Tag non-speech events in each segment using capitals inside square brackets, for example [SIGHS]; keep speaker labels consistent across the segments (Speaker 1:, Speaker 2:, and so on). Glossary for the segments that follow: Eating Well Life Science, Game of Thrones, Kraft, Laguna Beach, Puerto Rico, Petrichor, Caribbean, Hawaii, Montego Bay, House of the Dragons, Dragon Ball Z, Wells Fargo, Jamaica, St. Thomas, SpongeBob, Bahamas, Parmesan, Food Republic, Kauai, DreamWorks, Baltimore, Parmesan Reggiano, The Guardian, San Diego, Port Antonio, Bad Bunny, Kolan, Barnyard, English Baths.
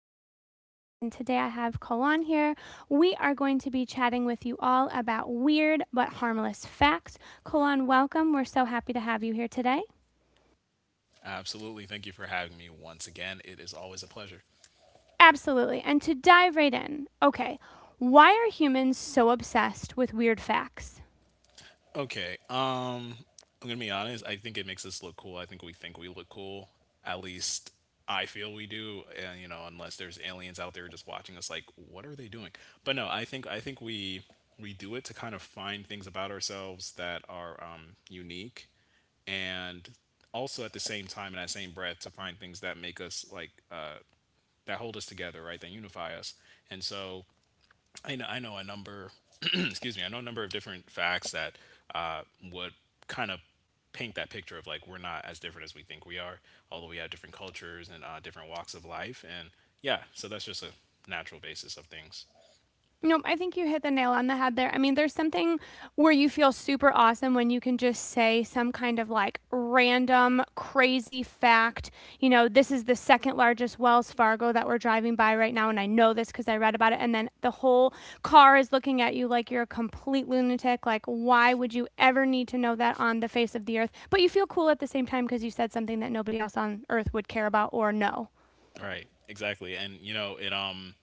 Speaker 1: host, Leah, and today I have Kolan here. We are going to be chatting with you all about weird but harmless facts. Kolan, welcome. We're so happy to have you here today.
Speaker 2: Absolutely. Thank you for having me once again. It is always a pleasure.
Speaker 1: Absolutely. And to dive right in, okay, why are humans so obsessed with weird facts?
Speaker 2: Okay. I'm gonna be honest. I think it makes us look cool. I think we look cool. At least I feel we do. And you know, unless there's aliens out there just watching us, like, what are they doing? But no, I think we do it to kind of find things about ourselves that are unique, and also at the same time in that same breath to find things that make us like that hold us together, right? That unify us. And so I know a number. [CLEARS THROAT] Excuse me. I know a number of different facts that uh, would kind of paint that picture of like we're not as different as we think we are, although we have different cultures and different walks of life. And yeah, so that's just a natural basis of things.
Speaker 1: Nope, I think you hit the nail on the head there. I mean, there's something where you feel super awesome when you can just say some kind of like random crazy fact. This is the second largest Wells Fargo that we're driving by right now, and I know this because I read about it. And then the whole car is looking at you like you're a complete lunatic. Like, why would you ever need to know that on the face of the earth? But you feel cool at the same time because you said something that nobody else on earth would care about or know.
Speaker 2: Right. Exactly. And you know it.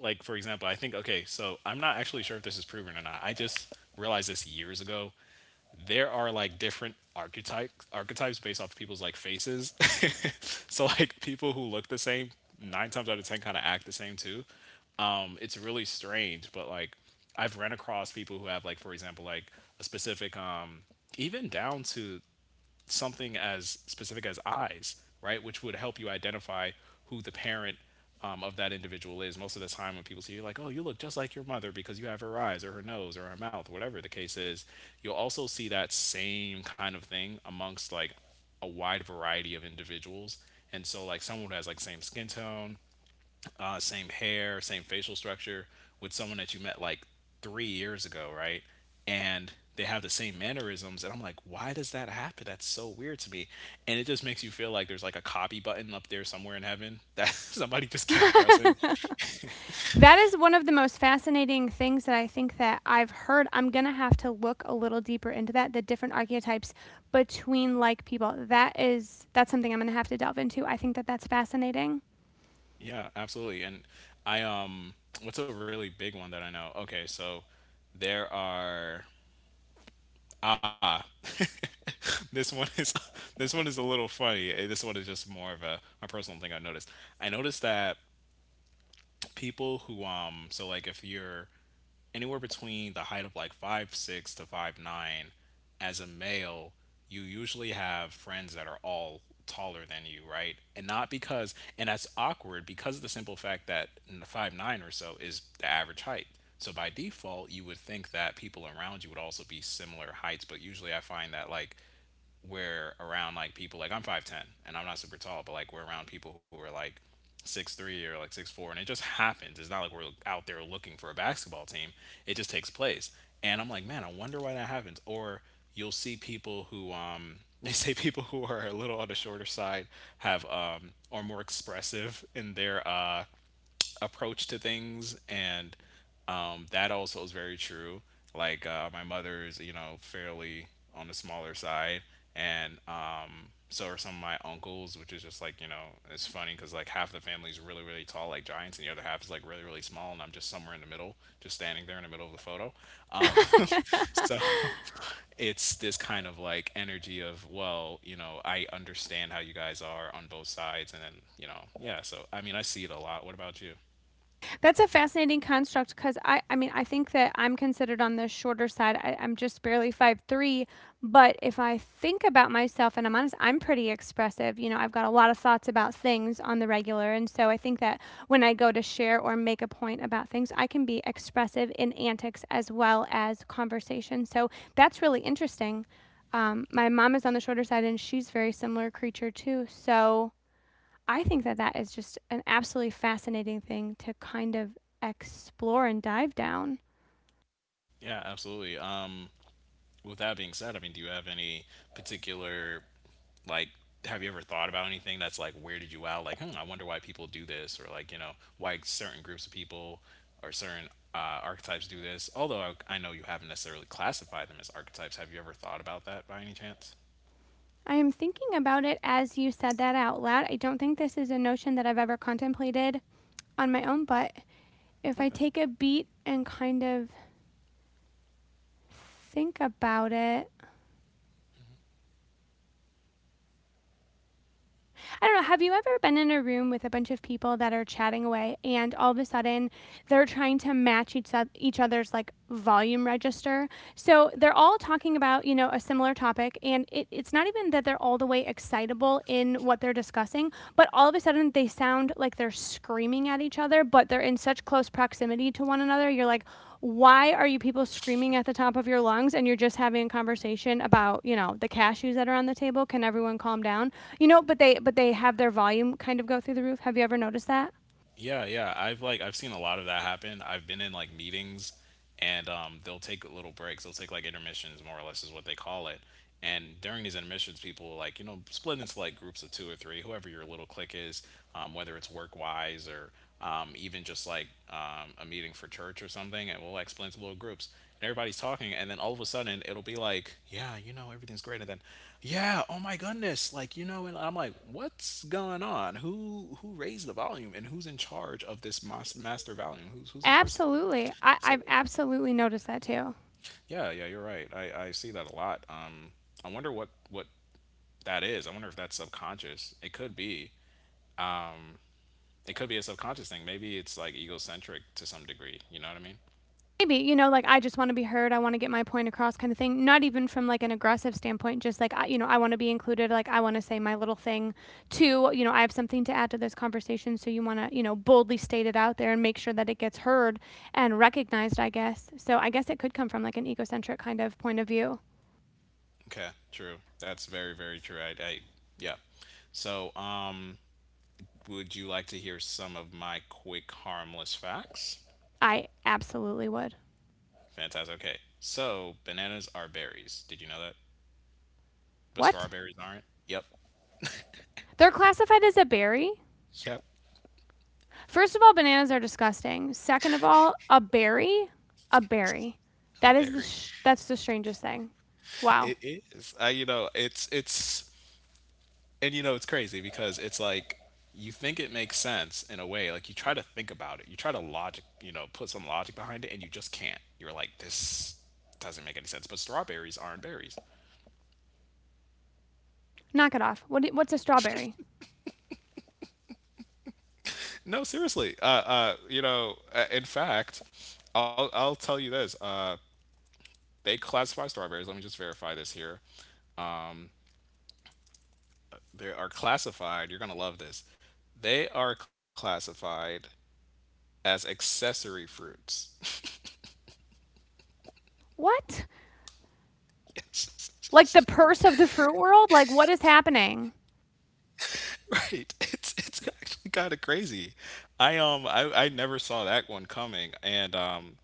Speaker 2: Like for example, I think okay. So I'm not actually sure if this is proven or not. I just realized this years ago. There are like different archetypes based off people's like faces. [LAUGHS] So like people who look the same, nine times out of ten kinda act the same too. It's really strange, but like I've run across people who have like, for example, like a specific even down to something as specific as eyes, right, which would help you identify who the parent of that individual is. Most of the time, when people see you, like, oh, you look just like your mother because you have her eyes or her nose or her mouth, whatever the case is, you'll also see that same kind of thing amongst like a wide variety of individuals. And so, like, someone who has like same skin tone, same hair, same facial structure with someone that you met like 3 years ago, right? And they have the same mannerisms, and I'm like, why does that happen? That's so weird to me, and it just makes you feel like there's like a copy button up there somewhere in heaven that [LAUGHS] somebody just keeps pressing.
Speaker 1: [LAUGHS] That is one of the most fascinating things that I think that I've heard. I'm going to have to look a little deeper into that, the different archetypes between like people. That's something I'm going to have to delve into. I think that that's fascinating.
Speaker 2: Yeah, absolutely. And I what's a really big one that I know? Okay, so there are ah [LAUGHS] this one is [LAUGHS] this one is a little funny. This one is just more of a personal thing I noticed. That people who so like if you're anywhere between the height of like 5'6" to 5'9" as a male, you usually have friends that are all taller than you, right? And not because and that's awkward because of the simple fact that in the 5'9" or so is the average height, so by default you would think that people around you would also be similar heights, but usually I find that like we're around like people, like I'm 5'10" and I'm not super tall, but like we're around people who are like 6'3" or like 6'4", and it just happens. It's not like we're out there looking for a basketball team. It just takes place, and I'm like, man, I wonder why that happens. Or you'll see people who [LAUGHS] they say people who are a little on the shorter side have are more expressive in their approach to things, and that also is very true. Like, my mother is, you know, fairly on the smaller side, and so are some of my uncles, which is just like, you know, it's funny because like half the family's really really tall like giants, and the other half is like really really small, and I'm just somewhere in the middle, just standing there in the middle of the photo. um, [LAUGHS] so
Speaker 1: [LAUGHS]
Speaker 2: [LAUGHS] it's this kind of like energy of, well, you know, I understand how you guys are on both sides. And then, you know, yeah, so I mean, I see it a lot. What about you?
Speaker 1: That's a fascinating construct because I mean, I think that I'm considered on the shorter side. I'm just barely 5'3", but if I think about myself and I'm honest, I'm pretty expressive. I've got a lot of thoughts about things on the regular, and so I think that when I go to share or make a point about things, I can be expressive in antics as well as conversation. So that's really interesting. My mom is on the shorter side, and she's very similar creature too. So I think that that is just an absolutely fascinating thing to kind of explore and dive down.
Speaker 2: Yeah, absolutely. With that being said, I mean, do you have any particular, like, have you ever thought about anything that's like weirded you out? Like, hmm, I wonder why people do this, or like, you know, why certain groups of people or certain archetypes do this. Although I know you haven't necessarily classified them as archetypes. Have you ever thought about that by any chance?
Speaker 1: I am thinking about it as you said that out loud. I don't think this is a notion that I've ever contemplated on my own, but if I
Speaker 2: Okay.
Speaker 1: take a beat and kind of think about it, I don't know, have you ever been in a room with a bunch of people that are chatting away and all of a sudden they're trying to match each other's like volume register? So they're all talking about, you know, a similar topic and it's not even that they're all the way excitable in what they're discussing, but all of a sudden they sound like they're screaming at each other, but they're in such close proximity to one another. You're like, why are you people screaming at the top of your lungs and you're just having a conversation about, you know, the cashews that are on the table? Can everyone calm down? You know, but they have their volume kind of go through the roof. Have you ever noticed that?
Speaker 2: Yeah, yeah. I've seen a lot of that happen. I've been in like meetings, and they'll take little breaks. They'll take like intermissions more or less is what they call it. And during these intermissions, people will, like, you know, split into like groups of two or three, whoever your little clique is, whether it's work wise or even just like a meeting for church or something, and we'll like split into little groups, and everybody's talking, and then all of a sudden it'll be like, yeah, you know, everything's great, and then, yeah, oh my goodness, like, you know, and I'm like, what's going on? Who raised the volume, and who's in charge of this master volume? Who's the person?
Speaker 1: Absolutely. I,
Speaker 2: So
Speaker 1: I've absolutely noticed that too.
Speaker 2: yeah, yeah, you're right. I see that a lot. I wonder what that is. I wonder if that's subconscious. It could be a subconscious thing. Maybe it's like egocentric to some degree. You know what I mean?
Speaker 1: Maybe, like I just want to be heard. I want to get my point across kind of thing. Not even from like an aggressive standpoint, just like, I want to be included. Like I want to say my little thing too. You know, I have something to add to this conversation. So you want to, boldly state it out there and make sure that it gets heard and recognized, I guess. So I guess it could come from like an egocentric kind of point of view.
Speaker 2: Okay, true. That's very, very true. I yeah. So, would you like to hear some of my quick, harmless facts?
Speaker 1: I absolutely would.
Speaker 2: Fantastic. Okay. So, bananas are berries. Did you know that? But
Speaker 1: What?
Speaker 2: strawberries aren't? Yep.
Speaker 1: They're classified as a berry?
Speaker 2: Yep.
Speaker 1: First of all, bananas are disgusting. Second of all, a berry, a berry.
Speaker 2: A
Speaker 1: That is the
Speaker 2: berry.
Speaker 1: sh-
Speaker 2: [LAUGHS]
Speaker 1: that's the strangest thing. Wow.
Speaker 2: It is. I, you know, and you know, it's crazy because it's like, you think it makes sense in a way. Like, you try to think about it. You try to logic, you know, put some logic behind it, and you just can't. You're like, this doesn't make any sense. But strawberries aren't berries.
Speaker 1: Knock it off. What's a strawberry?
Speaker 2: No, seriously. You know, in fact, I'll tell you this. They classify strawberries. Let me just verify this here. They are classified. You're gonna love this. They are classified as accessory fruits.
Speaker 1: What? Like the purse of the fruit world? Like what is happening?
Speaker 2: [LAUGHS] Right. It's actually kind of crazy. I never saw that one coming. And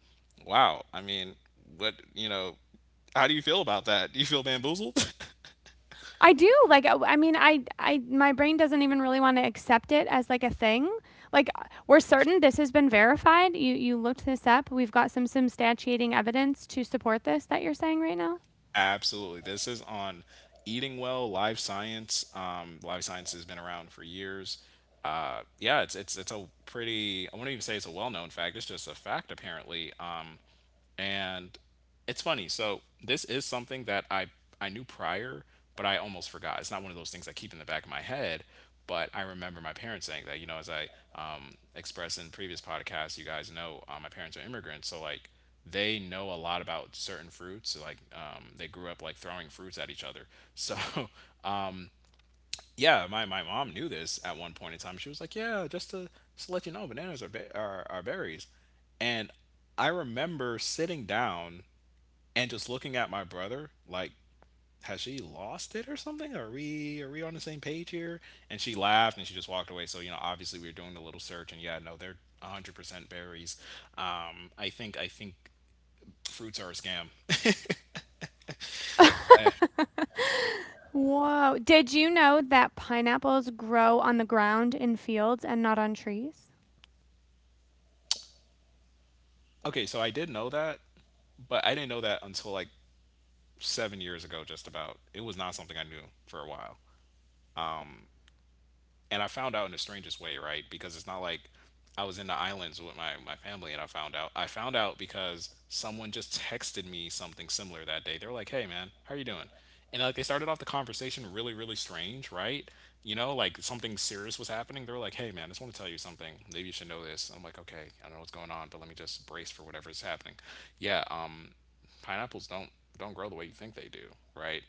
Speaker 2: wow. I mean, what, you know? How do you feel about that? Do you feel bamboozled? [LAUGHS]
Speaker 1: I do. Like I mean, I my brain doesn't even really want to accept it as like a thing. Like we're certain this has been verified. You looked this up. We've got some substantiating evidence to support this that you're saying right now.
Speaker 2: Absolutely. This is on Eating Well Life Science. Life Science has been around for years. Yeah, it's a pretty, I wouldn't even say it's a well-known fact. It's just a fact apparently, and it's funny. So this is something that I knew prior, but I almost forgot. It's not one of those things I keep in the back of my head, but I remember my parents saying that. You know, as I expressed in previous podcasts, you guys know my parents are immigrants, so like they know a lot about certain fruits. So, like they grew up like throwing fruits at each other. So [LAUGHS] yeah, my mom knew this at one point in time. She was like, yeah, just to let you know, bananas are, ba- are berries, and I remember sitting down and just looking at my brother like, has she lost it or something? Are we on the same page here? And she laughed and she just walked away. So, you know, obviously we were doing a little search, and yeah, no, they're 100% berries. I think fruits are a scam.
Speaker 1: [LAUGHS] Whoa. Did you know that pineapples grow on the ground in fields and not on trees?
Speaker 2: [LAUGHS] Okay, so I did know that, but I didn't know that until like 7 years ago, just about. It was not something I knew for a while, and I found out in the strangest way, right? Because it's not like I was in the islands with my family and I found out. I found out because someone just texted me something similar that day. They were like, hey, man, how are you doing? And like they started off the conversation really, really strange, right? You know, like something serious was happening. They were like, hey, man, I just want to tell you something. Maybe you should know this. And I'm like, okay, I don't know what's going on, but let me just brace for whatever is happening. Yeah, pineapples don't grow the way you think they do, right?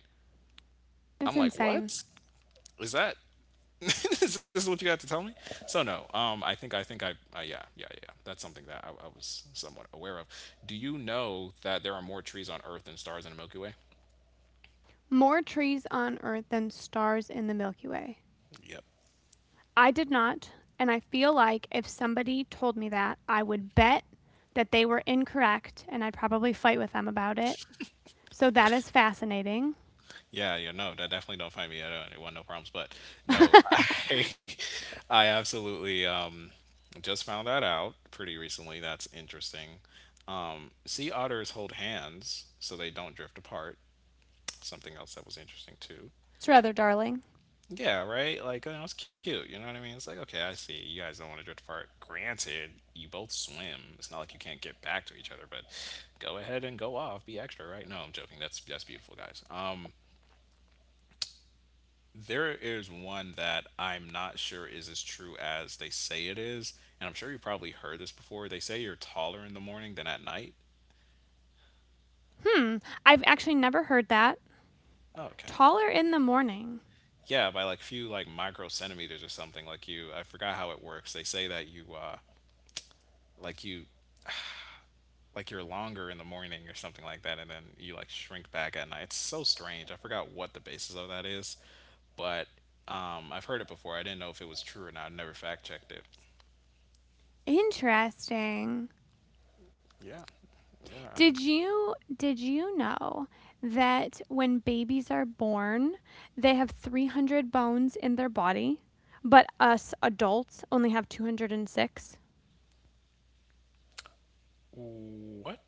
Speaker 1: It's
Speaker 2: I'm like,
Speaker 1: insane.
Speaker 2: what? Is that [LAUGHS] is this what you got to tell me? So no, I think I yeah, yeah, yeah. That's something that I was somewhat aware of. Do you know that there are more trees on Earth than stars in the Milky Way?
Speaker 1: More trees on Earth than stars in the Milky Way.
Speaker 2: Yep.
Speaker 1: I did not, and I feel like if somebody told me that, I would bet that they were incorrect and I'd probably fight with them about it. So that is fascinating.
Speaker 2: Yeah, yeah, no, that definitely don't find me. I don't want no problems, but
Speaker 1: [LAUGHS]
Speaker 2: no,
Speaker 1: It's
Speaker 2: [LAUGHS] I, I absolutely just found that out pretty recently. That's interesting. Sea otters hold hands so they don't drift apart. Something else that was interesting too.
Speaker 1: rather darling.
Speaker 2: Yeah, right? Like, you know, it's cute. You know what I mean? It's like, okay, I see. You guys don't want to drift apart. Granted, you both swim. It's not like you can't get back to each other, but go ahead and go off. Be extra, right? No, I'm joking. That's beautiful, guys. There is one that I'm not sure is as true as they say it is, and I'm sure you probably heard this before. They say you're taller in the morning than at night.
Speaker 1: Hmm. I've actually never heard that.
Speaker 2: Oh, okay.
Speaker 1: Taller in the morning.
Speaker 2: Yeah, by like few like micro centimeters or something. Like you, I forgot how it works. They say that you, like you you're longer in the morning or something like that, and then you like shrink back at night. It's so strange. I forgot what the basis of that is, but I've heard it before. I didn't know if it was true or not. I never fact checked it.
Speaker 1: Interesting.
Speaker 2: Yeah. Yeah.
Speaker 1: Did you know that when babies are born, they have 300 bones in their body, but us adults only have 206?
Speaker 2: What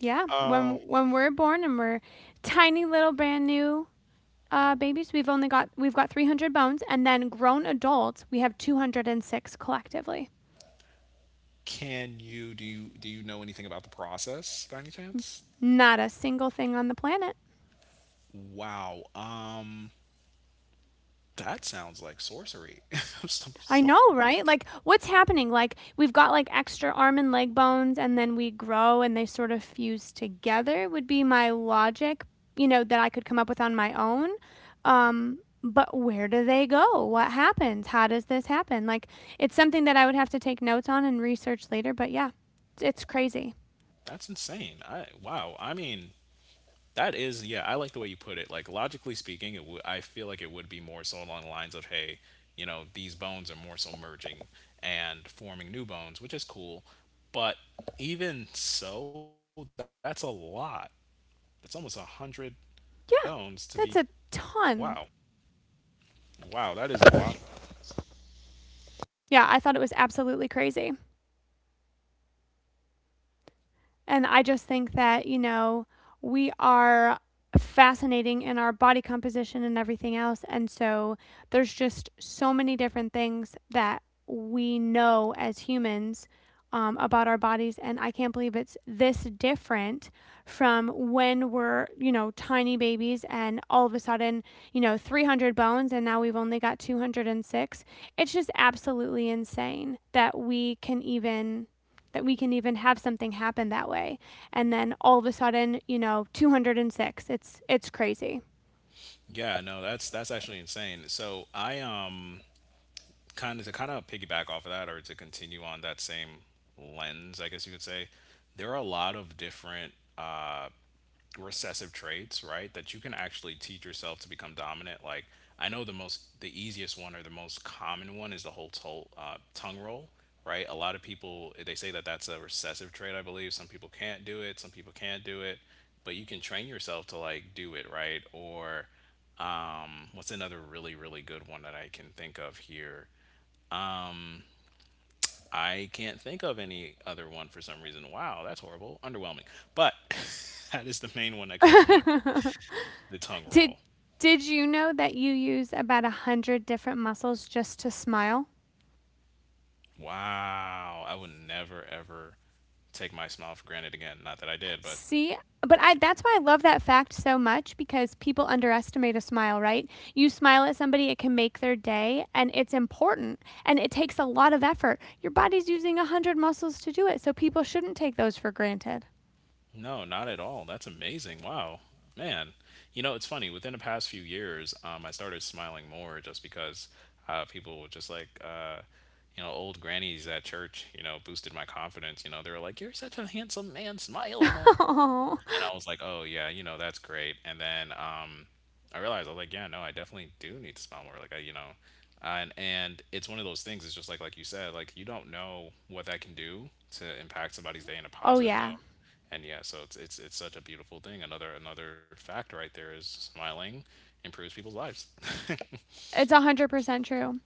Speaker 1: Yeah, when we're born and we're tiny little brand new
Speaker 2: wow.
Speaker 1: babies, we've got 300 bones, and then grown adults, we have 206 collectively.
Speaker 2: can you do? You do you know anything about the process by any chance?
Speaker 1: Not a single thing on the planet.
Speaker 2: Wow. That sounds like sorcery [LAUGHS] of some
Speaker 1: I
Speaker 2: sort.
Speaker 1: know, right? Like, what's happening? Like, we've got like extra arm and leg bones, and then we grow and they sort of fuse together, would be my logic, that I could come up with on my own.
Speaker 2: Right.
Speaker 1: But where do they go? What happens? How does this happen? Like, it's something that I would have to take notes on and research later, but yeah, it's crazy.
Speaker 2: That's insane. I wow. I mean, That is, yeah, I like the way you put it. Like logically speaking, I feel like it would be more so along the lines of, hey, you know, these bones are more so merging and forming new bones, which is cool. But even so, that's a lot. That's almost a hundred bones
Speaker 1: Yeah,
Speaker 2: to be.
Speaker 1: that's a
Speaker 2: Wow,
Speaker 1: ton.
Speaker 2: wow, that is a lot.
Speaker 1: Yeah, I thought it was absolutely crazy. And I just think that, we are fascinating in our body composition and everything else. And so there's just so many different things that we know as humans about our bodies. And I can't believe it's this different from when we're, tiny babies and all of a sudden, 300 bones and now we've only got 206. It's just absolutely insane that we can even have something happen that way. And then all of a sudden, 206. It's crazy.
Speaker 2: Yeah, no, that's actually insane. So I kind of to piggyback off of that, or to continue on that same lens, I guess you could say, there are a lot of different uh, recessive traits, right? That you can actually teach yourself to become dominant. Like I know the most, the easiest one or the most common one is the whole tongue roll, right? A lot of people they say that that's a recessive trait. I believe some people can't do it, some people can't do it, but you can train yourself to like do it, right? Or what's another really good one that I can think of here? I can't think of any other one for some reason. Wow, that's horrible, underwhelming. But [LAUGHS] that is the main one that comes to mind.
Speaker 1: [LAUGHS]
Speaker 2: The tongue
Speaker 1: did
Speaker 2: roll.
Speaker 1: did you know that you use about 100 different muscles just to smile?
Speaker 2: Wow. I would never, ever take my smile for granted again. Not that I did, but
Speaker 1: See, but I that's why I love that fact so much because people underestimate a smile, right? You smile at somebody, it can make their day and it's important and it takes a lot of effort. Your body's using 100 muscles to do it, so people shouldn't take those for granted.
Speaker 2: no, not at all. That's amazing. Wow. Man. You know, it's funny. Within the past few years, I started smiling more just because people were just like, you know, old grannies at church, you know, boosted my confidence. You know, they were like, you're such a handsome man. Smile more.
Speaker 1: [LAUGHS] Oh
Speaker 2: And I was like, oh yeah, you know that's great. And then I realized I was like, yeah, no, I definitely do need to smile more. Like I, you know, and it's one of those things. It's just like you said, like you don't know what that can do to impact somebody's day in a positive
Speaker 1: yeah.
Speaker 2: note. And yeah, so it's such a beautiful thing. Another fact right there is smiling improves people's lives. [LAUGHS]
Speaker 1: It's 100% true.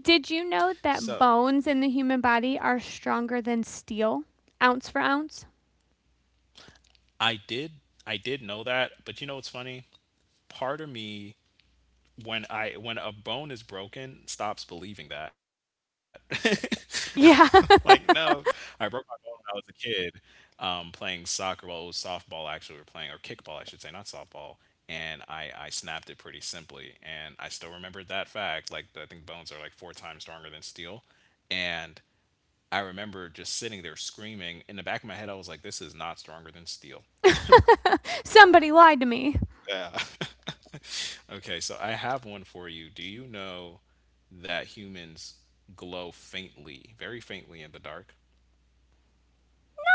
Speaker 1: Did you know
Speaker 2: So
Speaker 1: that bones in the human body are stronger than steel, ounce for ounce?
Speaker 2: I did I did know that, but you know what's funny? Part of me when a bone is broken, stops believing that. [LAUGHS] Like,
Speaker 1: Yeah.
Speaker 2: no, I broke my bone when I was a kid, playing soccer. Well, it was softball actually. We were playing or kickball, I should say, not softball. And I snapped it pretty simply, and I still remembered that fact. Like, I think bones are like four times stronger than steel, and I remember just sitting there screaming. In the back of my head, I was like, "This is not stronger than steel."
Speaker 1: [LAUGHS] Somebody lied to me.
Speaker 2: Yeah. [LAUGHS] Okay, so I have one for you. Do you know that humans glow faintly, very faintly in the dark?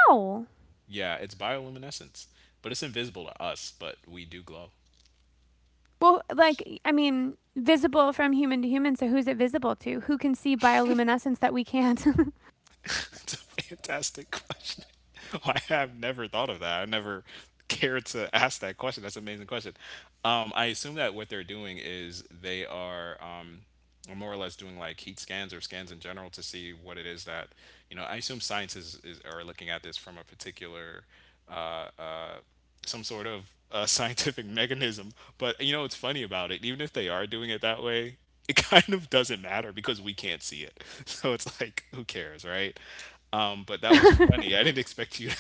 Speaker 1: No.
Speaker 2: Yeah, it's bioluminescence, but it's invisible to us, but we do glow.
Speaker 1: Well, like, I mean, visible from human to human, so who's it visible to? Who can see bioluminescence that we can't?
Speaker 2: [LAUGHS] It's a fantastic question. [LAUGHS] I have never thought of that. I never cared to ask that question. That's an amazing question. I assume that what they're doing is they are more or less doing like heat scans or scans in general to see what it is that you know. I assume science is are looking at this from a particular uh, uh, some sort of [LAUGHS] scientific mechanism. But you know what's funny about it? Even if they are doing it that way, [LAUGHS] it kind of doesn't matter because we can't see it. [LAUGHS] So it's like, who cares, right? But that was funny. I didn't expect you.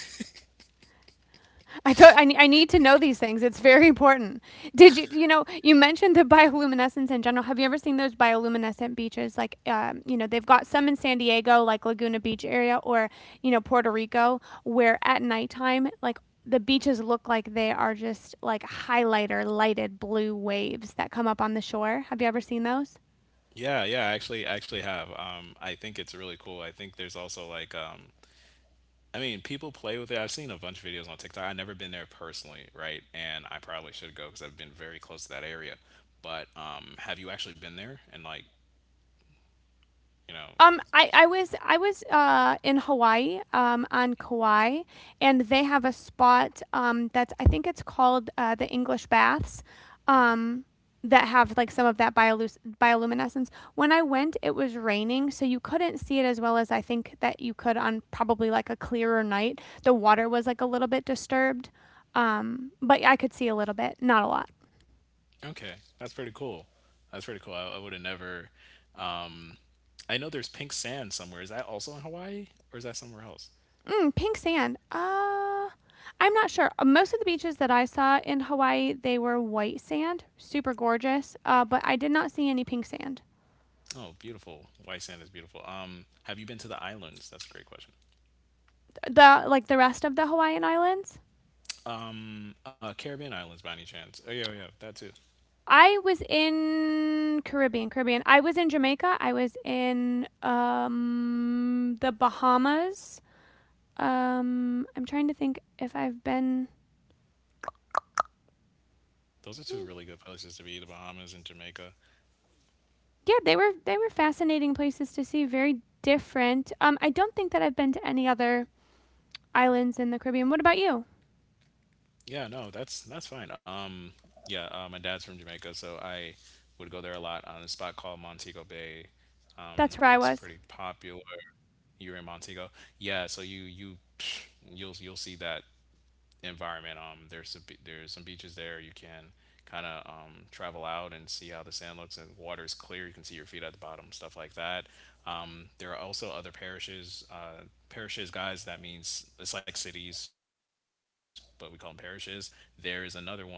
Speaker 1: I need to know these things. It's very important. Did you, you know, you mentioned the bioluminescence in general. Have you ever seen those bioluminescent beaches? Like, they've got some in San Diego, like Laguna Beach area, or, you know, Puerto Rico, where at nighttime, like, the beaches look like they are just like highlighter lighted blue waves that come up on the shore. Have you ever seen those?
Speaker 2: [LAUGHS] Yeah, yeah, I actually have. I think it's really cool. I think there's also like, I mean, people play with it. I've seen a bunch of videos on TikTok. I've never been there personally, right? And I probably should go because I've been very close to that area. But have you actually been there and like, you know,
Speaker 1: Um, I,
Speaker 2: experienced.
Speaker 1: I was I was in Hawaii on Kauai, and they have a spot that's I think it's called the English Baths, um, that have like some of that bioluminescence. When I went, it was raining, so you couldn't see it as well as I think that you could on probably like a clearer night. The water was like a little bit disturbed, but I could see a little bit, not a lot.
Speaker 2: Okay, that's pretty cool. That's pretty cool. I would have never. Um, I know there's pink sand somewhere. Is that also in Hawaii, or is that somewhere else?
Speaker 1: Pink sand. I'm not sure. Most of the beaches that I saw in Hawaii, they were white sand, super gorgeous. Uh,
Speaker 2: Beautiful.
Speaker 1: but I did not see any pink sand.
Speaker 2: Oh, beautiful. White sand is beautiful. Have you been to the islands? That's a great question.
Speaker 1: The rest of the Hawaiian islands.
Speaker 2: Caribbean islands by any chance? Oh yeah, oh, yeah, that too.
Speaker 1: I was in Caribbean, Caribbean. I was in Jamaica. I was in the Bahamas. I'm trying to think if I've been.
Speaker 2: Those are two really good places to be. The Bahamas and Jamaica.
Speaker 1: Yeah, they were fascinating places to see. Very different. I don't think that I've been to any other islands in the Caribbean. What about you?
Speaker 2: Yeah, no, that's fine. Yeah, my dad's from Jamaica, so I would go there a lot on a spot called Montego Bay. It's
Speaker 1: That's where I
Speaker 2: pretty
Speaker 1: was.
Speaker 2: popular. You're in Montego, yeah. So you you'll see that environment. There's some beaches there. You can kind of travel out and see how the sand looks and water is clear. You can see your feet at the bottom, stuff like that. There are also other parishes. Parishes, guys, that means it's like cities, but we call them parishes. There is another one.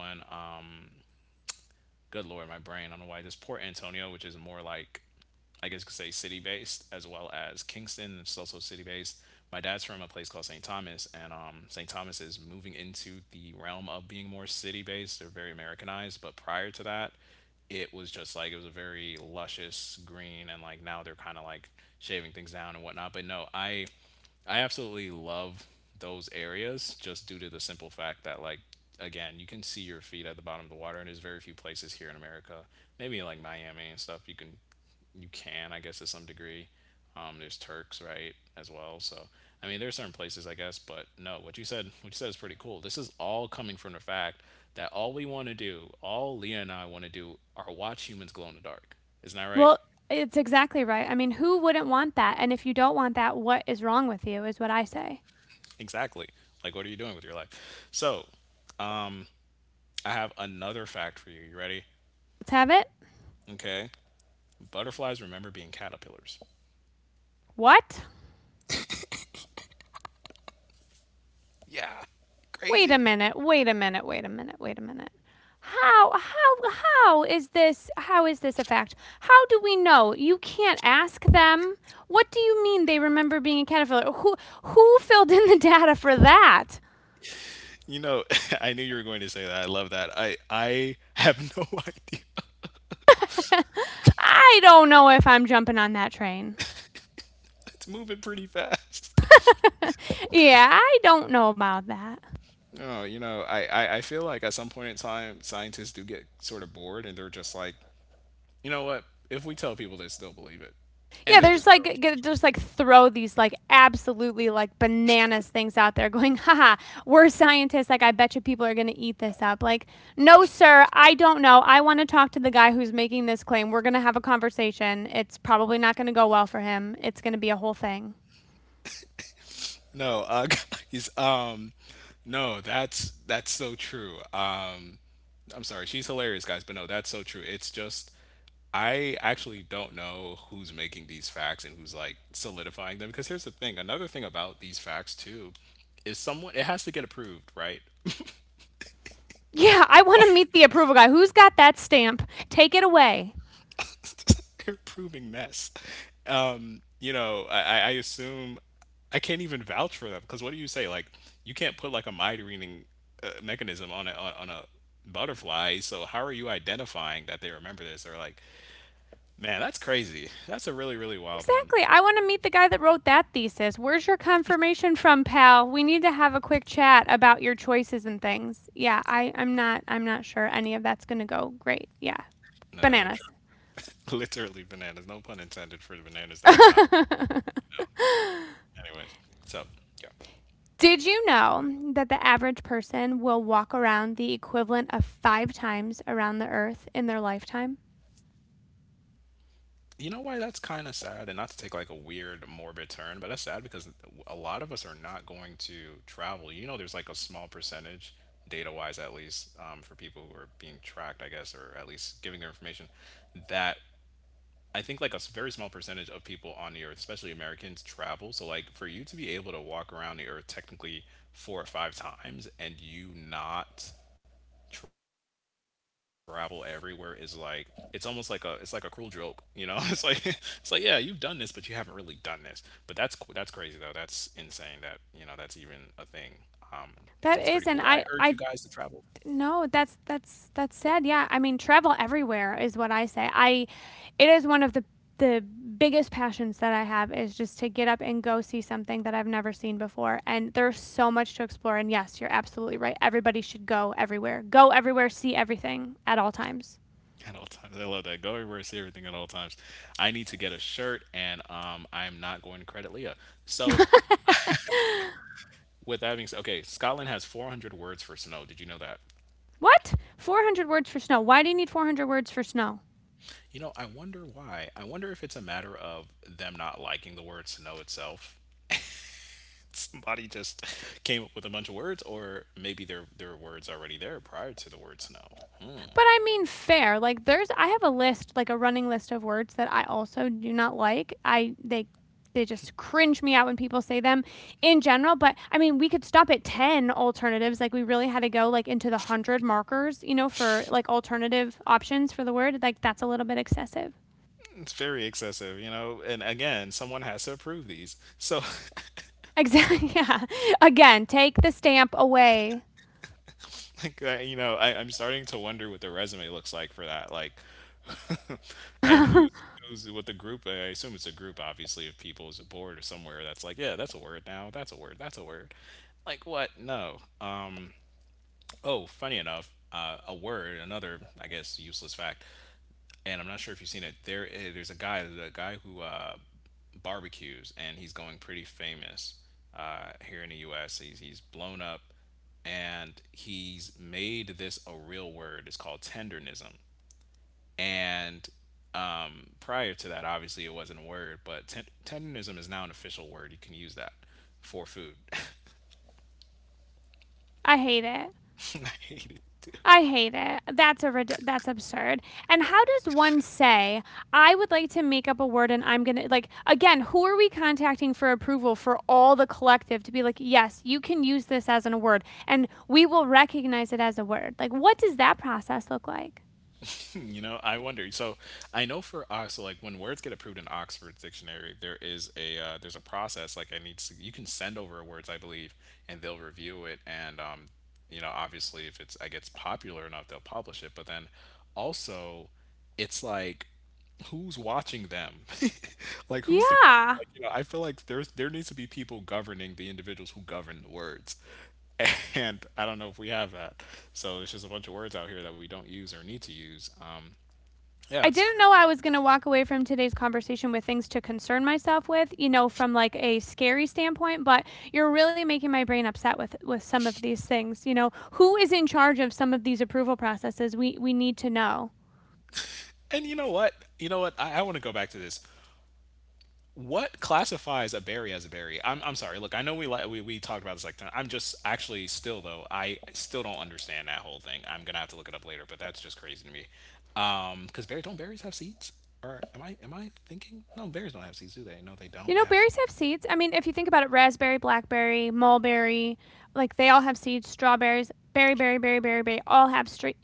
Speaker 2: Good lord, my brain. I don't know why. There's Port Antonio, which is more like I guess you could say city based as well as Kingston. It's also city based. My dad's from a place called St. Thomas, and St. Thomas is moving into the realm of being more city based. They're very Americanized, but prior to that, it was just like it was a very luscious green, and like now they're kind of like shaving things down and whatnot. But no, I absolutely love those areas just due to the simple fact that like again you can see your feet at the bottom of the water and there's very few places here in America maybe like Miami and stuff you can, I guess, to some degree. There's Turks, right, as well. So, I mean, there's certain places, I guess, but no, what you said is pretty cool. This is all coming from the fact that all Leah and I want to do, are watch humans glow in the dark. Isn't that right?
Speaker 1: Well, it's exactly right. I mean, who wouldn't want that? And if you don't want that, what is wrong with you is what I say.
Speaker 2: Exactly. Like, what are you doing with your life? So, I have another fact for you. You ready?
Speaker 1: Let's have it.
Speaker 2: Okay. Butterflies remember being caterpillars.
Speaker 1: What? Wait a minute. Wait a minute. Wait a minute. Wait a minute. How how how is this a fact? How do we know? You can't ask them. What do you mean they remember being a caterpillar? Who filled in the data for that?
Speaker 2: You know, [LAUGHS] I knew you were going to say that. I love that. I have no [LAUGHS] idea.
Speaker 1: I don't know if I'm jumping on that train.
Speaker 2: It's moving pretty fast.
Speaker 1: Yeah, I don't know about that.
Speaker 2: Oh, you know, I feel like at some point in time, scientists do get sort of bored and they're just like, you know what? If we tell people this, they'll believe it. And
Speaker 1: Yeah,
Speaker 2: they
Speaker 1: they're
Speaker 2: just
Speaker 1: just
Speaker 2: throw it.
Speaker 1: just like throw these like absolutely like bananas things out there, going, haha, we're scientists. Like, I bet you people are gonna eat this up. Like, no, sir, I don't know. I want to talk to the guy who's making this claim. We're gonna have a conversation. It's probably not gonna go well for him. It's gonna be a whole thing.
Speaker 2: No, [LAUGHS] guys, no, that's so true. I'm sorry, she's hilarious, guys, but no, that's so true. It's just I actually don't know who's making these facts and who's like solidifying them. Because here's the thing, another thing about these facts too is someone it has to get approved, right?
Speaker 1: Yeah, I want to meet the approval guy. Who's got that stamp? Take it away.
Speaker 2: [LAUGHS] They're proving mess. You know, I assume I can't even vouch for them because what do you say? Like, you can't put like a mind mechanism on a on a butterfly. So how are you identifying that they remember this? Or like, man, that's crazy. That's a really wild one.
Speaker 1: Exactly. I want to meet the guy that wrote that thesis. Where's your confirmation from, pal? We need to have a quick chat about your choices and things. Yeah, I'm not sure any of that's gonna go great. Yeah.
Speaker 2: No, I don't
Speaker 1: Bananas.
Speaker 2: trust. [LAUGHS] Literally bananas. No pun intended for the bananas that are not.
Speaker 1: [LAUGHS]
Speaker 2: You know. Anyways, so yeah.
Speaker 1: Did you know that the average person will walk around the equivalent of five times around the earth in their lifetime?
Speaker 2: You know why that's kind of sad, and not to take like a weird morbid turn, but that's sad because a lot of us are not going to travel. You know, there's like a small percentage, data wise at least, for people who are being tracked, I guess, or at least giving their information, that I think like very small percentage of people on the earth, especially Americans, travel. So, like, for you to be able to walk around the earth technically four or five times and you not travel everywhere is like it's like a cruel joke. [LAUGHS] It's like [LAUGHS] it's like yeah, you've done this but you haven't really done this. But that's crazy though, that's insane that you know that's even a thing. um
Speaker 1: That is, and
Speaker 2: that's pretty
Speaker 1: I,
Speaker 2: cool, I
Speaker 1: I
Speaker 2: urge you guys to travel.
Speaker 1: No, that's sad. Yeah, I mean, travel everywhere is what I say. I, it is one of the biggest passions that I have is just to get up and go see something that I've never seen before. And there's so much to explore. And yes, you're absolutely right. Everybody should go everywhere. Go everywhere. See everything at all times.
Speaker 2: [LAUGHS] At all times, I love that. Go everywhere, see everything at all times. I need to get a shirt and I'm not going to credit Leah. So
Speaker 1: [LAUGHS]
Speaker 2: with that being said, okay, Scotland has 400 words for snow, did you know that?
Speaker 1: What? 400 words for snow. Why do you need 400 words for snow?
Speaker 2: You know, I wonder why. I wonder if it's a matter of them not liking the word snow itself. [LAUGHS] Somebody just [LAUGHS] came up with a bunch of words, or maybe there were words already there prior to the word snow.
Speaker 1: But I mean fair. Like there's I have a list, like a running list of words that I also do not like. I they just cringe me out when people say them in general, but I mean we could stop at 10 alternatives. Like we really had to go like into the 100 markers, for like alternative options for the word. Like that's a little bit excessive.
Speaker 2: It's very excessive, you know. And again, someone has to approve these. So, [LAUGHS]
Speaker 1: Exactly.
Speaker 2: so
Speaker 1: [LAUGHS] Yeah. Again, take the stamp away.
Speaker 2: like, I'm starting to wonder what the resume looks like for that. Like,
Speaker 1: [LAUGHS]
Speaker 2: [LAUGHS] and
Speaker 1: I
Speaker 2: who's with the group? I assume it's a group, obviously, of people, is a board or somewhere that's like, yeah, that's a word now. That's a word. That's a word. Like what? No. Oh, funny enough, a word, another, I guess, useless fact, and I'm not sure if you've seen it. There's a guy who barbecues, and he's going pretty famous here in the U.S. He's blown up, and he's made this a real word. It's called tendernism, and prior to that, obviously, it wasn't a word, but tendernism is now an official word. You can use that for food. [LAUGHS]
Speaker 1: hate it.
Speaker 2: I hate it. Too.
Speaker 1: I hate it. That's a rid- that's absurd. And how does one say I would like to make up a word and I'm going to like again, who are we contacting for approval for all the collective to be like, "Yes, you can use this as a word and we will recognize it as a word." Like what does that process look like?
Speaker 2: [LAUGHS] You know, I wonder. So I know for Ox, so like when words get approved in Oxford Dictionary, there is a there's a process. Like I need to, you can send over words, I believe, and they'll review it. And you know, obviously, if it's I gets popular enough, they'll publish it. But then also, it's like who's watching them? [LAUGHS] Like, who's the person?
Speaker 1: Yeah.
Speaker 2: Like, you know, I feel like there needs to be people governing the individuals who govern the words. [LAUGHS] And I don't know if we have that. So it's just a bunch of words out here that we don't use or need to use. Yeah,
Speaker 1: I
Speaker 2: it's
Speaker 1: didn't
Speaker 2: crazy.
Speaker 1: know I was going to walk away from today's conversation with things to concern myself with, from like a scary standpoint, but you're really making my brain upset with some of these things. Who is in charge of some of these approval processes? We need to know.
Speaker 2: And you know what? You know what? I want to go back to this. What classifies a berry as a berry? I'm sorry. Look, I know we talked about this like ten- I'm just actually still though I still don't understand that whole thing. I'm gonna have to look it up later, but that's just crazy to me. Because berries don't berries have seeds? Or am I thinking? No, berries don't have seeds, do they? No, they
Speaker 1: You
Speaker 2: don't
Speaker 1: know,
Speaker 2: have.
Speaker 1: berries have seeds. I mean, if you think about it, raspberry, blackberry, mulberry, like they all have seeds. Strawberries, berry, berry, berry, berry, berry, all have straight,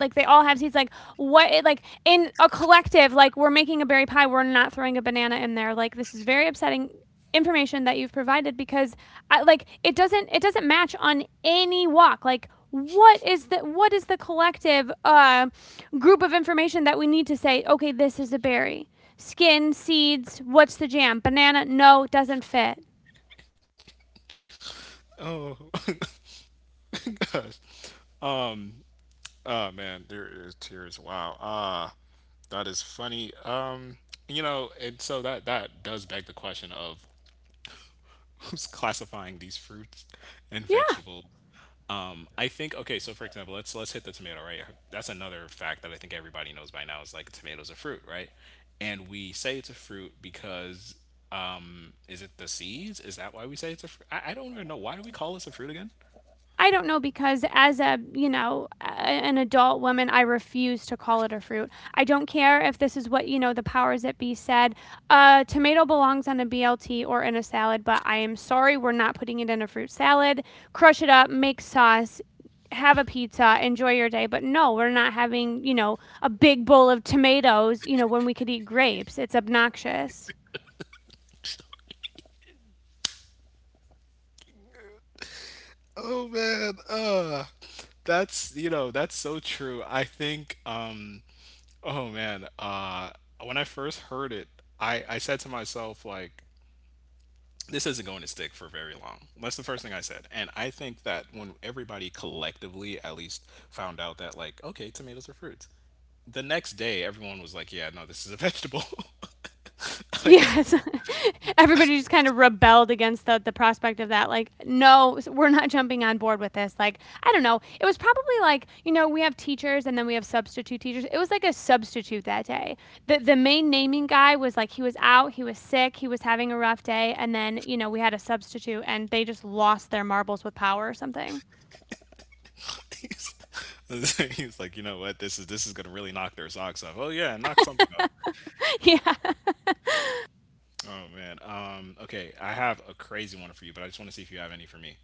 Speaker 1: like they all have seeds. Like what? Like in a collective, like we're making a berry pie. We're not throwing a banana in there. Like this is very upsetting information that you've provided because, I, like, it doesn't match on any walk. Like what is the collective group of information that we need to say okay this is a berry skin, seeds, what's the jam? Banana? No, doesn't fit.
Speaker 2: Oh [LAUGHS] my gosh. Um. Oh man, there is tears. Wow. Ah, that is funny. You know, and so that does beg the question of [LAUGHS] who's classifying these fruits and
Speaker 1: Yeah,
Speaker 2: vegetables. I think okay. So for example, let's hit the tomato, right. That's another fact that I think everybody knows by now is like tomatoes a fruit, right? And we say it's a fruit because is it the seeds? Is that why we say it's a fruit? I don't even know why do we call this a fruit again?
Speaker 1: I don't know because as a, an adult woman, I refuse to call it a fruit. I don't care if this is what, the powers that be said. Tomato belongs on a BLT or in a salad, but I am sorry, we're not putting it in a fruit salad. Crush it up, make sauce, have a pizza, enjoy your day. But no, we're not having, a big bowl of tomatoes, when we could eat grapes. It's obnoxious.
Speaker 2: Oh man, that's you know that's so true. I think oh man, when I first heard it, I said to myself like this isn't going to stick for very long. That's the first thing I said. And I think that when everybody collectively at least found out that, like, okay, tomatoes are fruits, the next day everyone was like, yeah, no, this is a vegetable. [LAUGHS] Like,
Speaker 1: Yes. [LAUGHS] Everybody just kind of rebelled against the prospect of that. Like, no, we're not jumping on board with this. Like, I don't know. It was probably like, we have teachers and then we have substitute teachers. It was like a substitute that day. The main naming guy was like he was out, he was sick, he was having a rough day, and then, we had a substitute and they just lost their marbles with power or something.
Speaker 2: he's, he's like, you know what? This is gonna really knock their socks off. Oh yeah, knock something off.
Speaker 1: [LAUGHS] Yeah.
Speaker 2: Oh man. Okay, I have a crazy one for you, but I just want to see if you have any for me.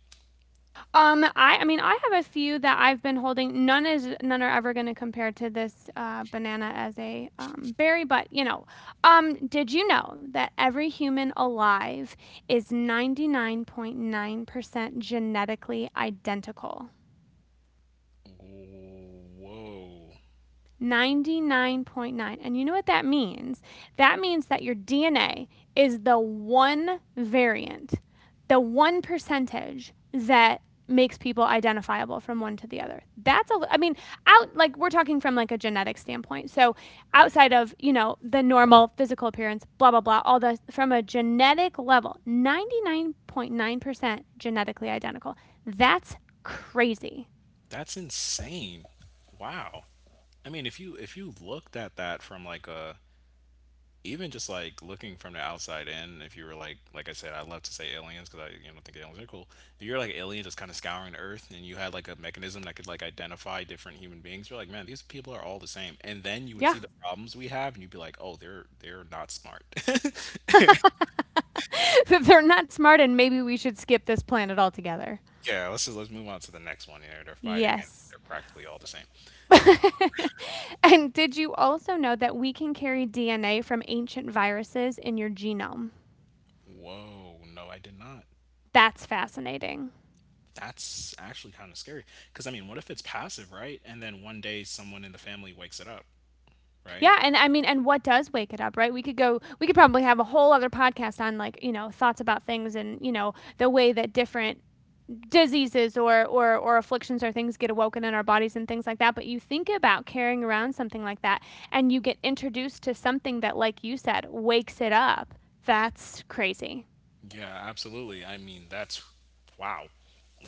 Speaker 1: I mean I have a few that I've been holding. None is none are ever going to compare to this banana as a berry, but you know. Did you know that every human alive is 99.9% genetically identical?
Speaker 2: Whoa.
Speaker 1: 99.9. And you know what that means? That means that your DNA is the one variant, the one percentage that makes people identifiable from one to the other. That's a, I mean, out like we're talking from like a genetic standpoint. So,
Speaker 2: Right.
Speaker 1: outside of, the normal physical appearance, blah blah blah, all the from a genetic level, 99.9% genetically identical. That's crazy.
Speaker 2: That's insane. Wow. I mean, if you looked at that from like a even just like looking from the outside in, if you were like I love to say aliens because I you know think aliens are cool. If you're like an alien just kind of scouring Earth and you had like a mechanism that could like identify different human beings, you're like, man, these people are all the same. And then you would
Speaker 1: Yeah.
Speaker 2: see the problems we have, and you'd be like, oh, they're not smart. [LAUGHS]
Speaker 1: [LAUGHS] They're not smart and maybe we should skip this planet altogether.
Speaker 2: Yeah, let's just let's move on to the next one. They they're fighting and
Speaker 1: Yes.
Speaker 2: they're practically all the same.
Speaker 1: [LAUGHS] And did you also know that we can carry DNA from ancient viruses in your genome?
Speaker 2: Whoa, no, I did not.
Speaker 1: That's fascinating.
Speaker 2: That's actually kind of scary. Because, I mean, what if it's passive, right? And then one day someone in the family wakes it up, right?
Speaker 1: Yeah, and I mean, and what does wake it up, right? We could probably have a whole other podcast on like, thoughts about things and, the way that different diseases or afflictions or things get awoken in our bodies and things like that. But you think about carrying around something like that and you get introduced to something that, like you said, wakes it up. That's crazy.
Speaker 2: Yeah, absolutely. I mean, that's wow.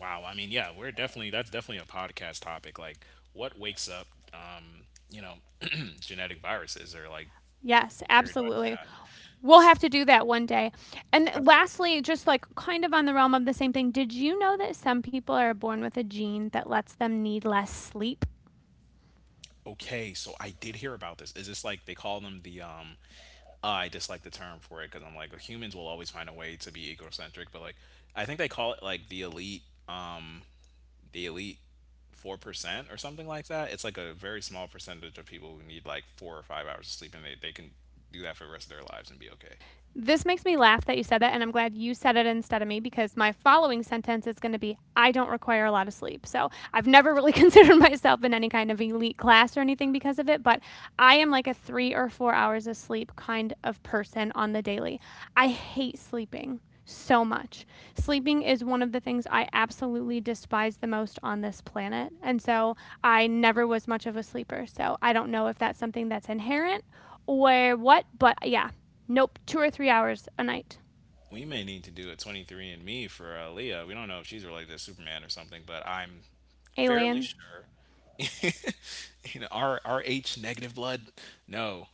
Speaker 2: Wow. I mean, yeah, we're definitely that's definitely a podcast topic. Like what wakes up you know, [CLEARS THROAT] genetic viruses or like
Speaker 1: Yes,
Speaker 2: carried viruses.
Speaker 1: absolutely.
Speaker 2: Yeah.
Speaker 1: We'll have to do that one day. And
Speaker 2: Absolutely.
Speaker 1: lastly, just like kind of on the realm of the same thing, did you know that some people are born with a gene that lets them need less sleep?
Speaker 2: Okay, so I did hear about this. Is this like they call them the I dislike the term for it because I'm like humans will always find a way to be egocentric, but like I think they call it like um, the elite 4% or something like that. It's like a very small percentage of people who need like 4 or 5 hours of sleep, and they can do that for the rest of their lives and be okay.
Speaker 1: This makes me laugh that you said that, and I'm glad you said it instead of me because my following sentence is going to be I don't require a lot of sleep. So I've never really [LAUGHS] considered myself in any kind of elite class or anything because of it, but I am like a 3 or 4 hours of sleep kind of person on the daily. I hate sleeping so much. Sleeping is one of the things I absolutely despise the most on this planet. And so I never was much of a sleeper. So I don't know if that's something that's inherent or what, but yeah, nope, 2 or 3 hours a night.
Speaker 2: We may need to do a 23 and me for Leah. We don't know if she's related to Superman or something, but I'm fairly
Speaker 1: Alien.
Speaker 2: sure. [LAUGHS] You know, our H negative blood. No,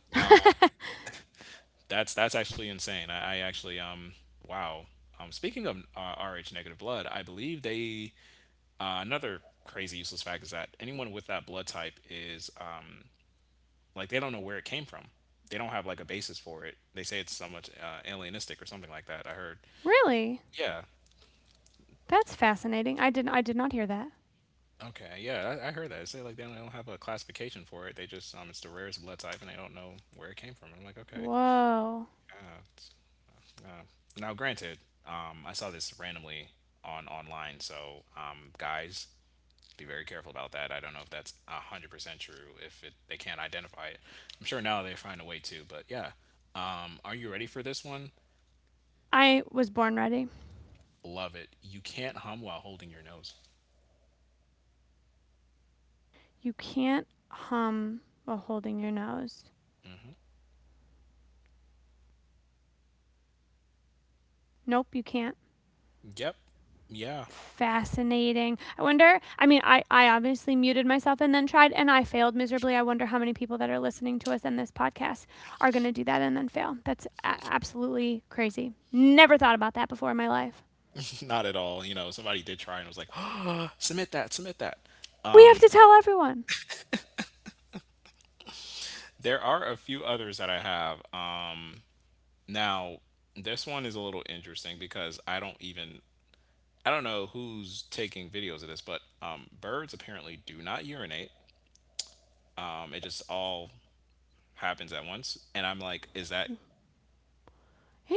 Speaker 2: that's actually insane. I actually wow. Speaking of Rh negative blood, I believe they another crazy useless fact is that anyone with that blood type is like they don't know where it came from. They don't have like a basis for it. They say it's so much alienistic or something like that. I heard.
Speaker 1: Really?
Speaker 2: Yeah.
Speaker 1: That's fascinating. I did not hear that.
Speaker 2: Okay. Yeah, I heard that. They say like they don't have a classification for it. They just it's the rarest blood type and they don't know where it came from. I'm like okay.
Speaker 1: Whoa.
Speaker 2: Uh, Uh, now, granted, I saw this randomly on online, so guys, be very careful about that. I don't know if that's 100% true. If it, they can't identify it, I'm sure now they find a way to. But yeah, are you ready for this one?
Speaker 1: I was born ready.
Speaker 2: Love it. You can't hum while holding your nose.
Speaker 1: You can't hum while holding your nose. Nope, you can't.
Speaker 2: Yep. Yeah.
Speaker 1: Fascinating. I wonder, I mean, I obviously muted myself and then tried, and I failed miserably. I wonder how many people that are listening to us in this podcast are going to do that and then fail. That's absolutely crazy. Never thought about that before in my life.
Speaker 2: [LAUGHS] Not at all. You know, somebody did try and was like, [GASPS] submit that, submit that.
Speaker 1: We have to tell everyone.
Speaker 2: There are a few others that I have. Now, this one is a little interesting because I don't even I don't know who's taking videos of this, but birds apparently do not urinate. It just all happens at once, and I'm like, is that?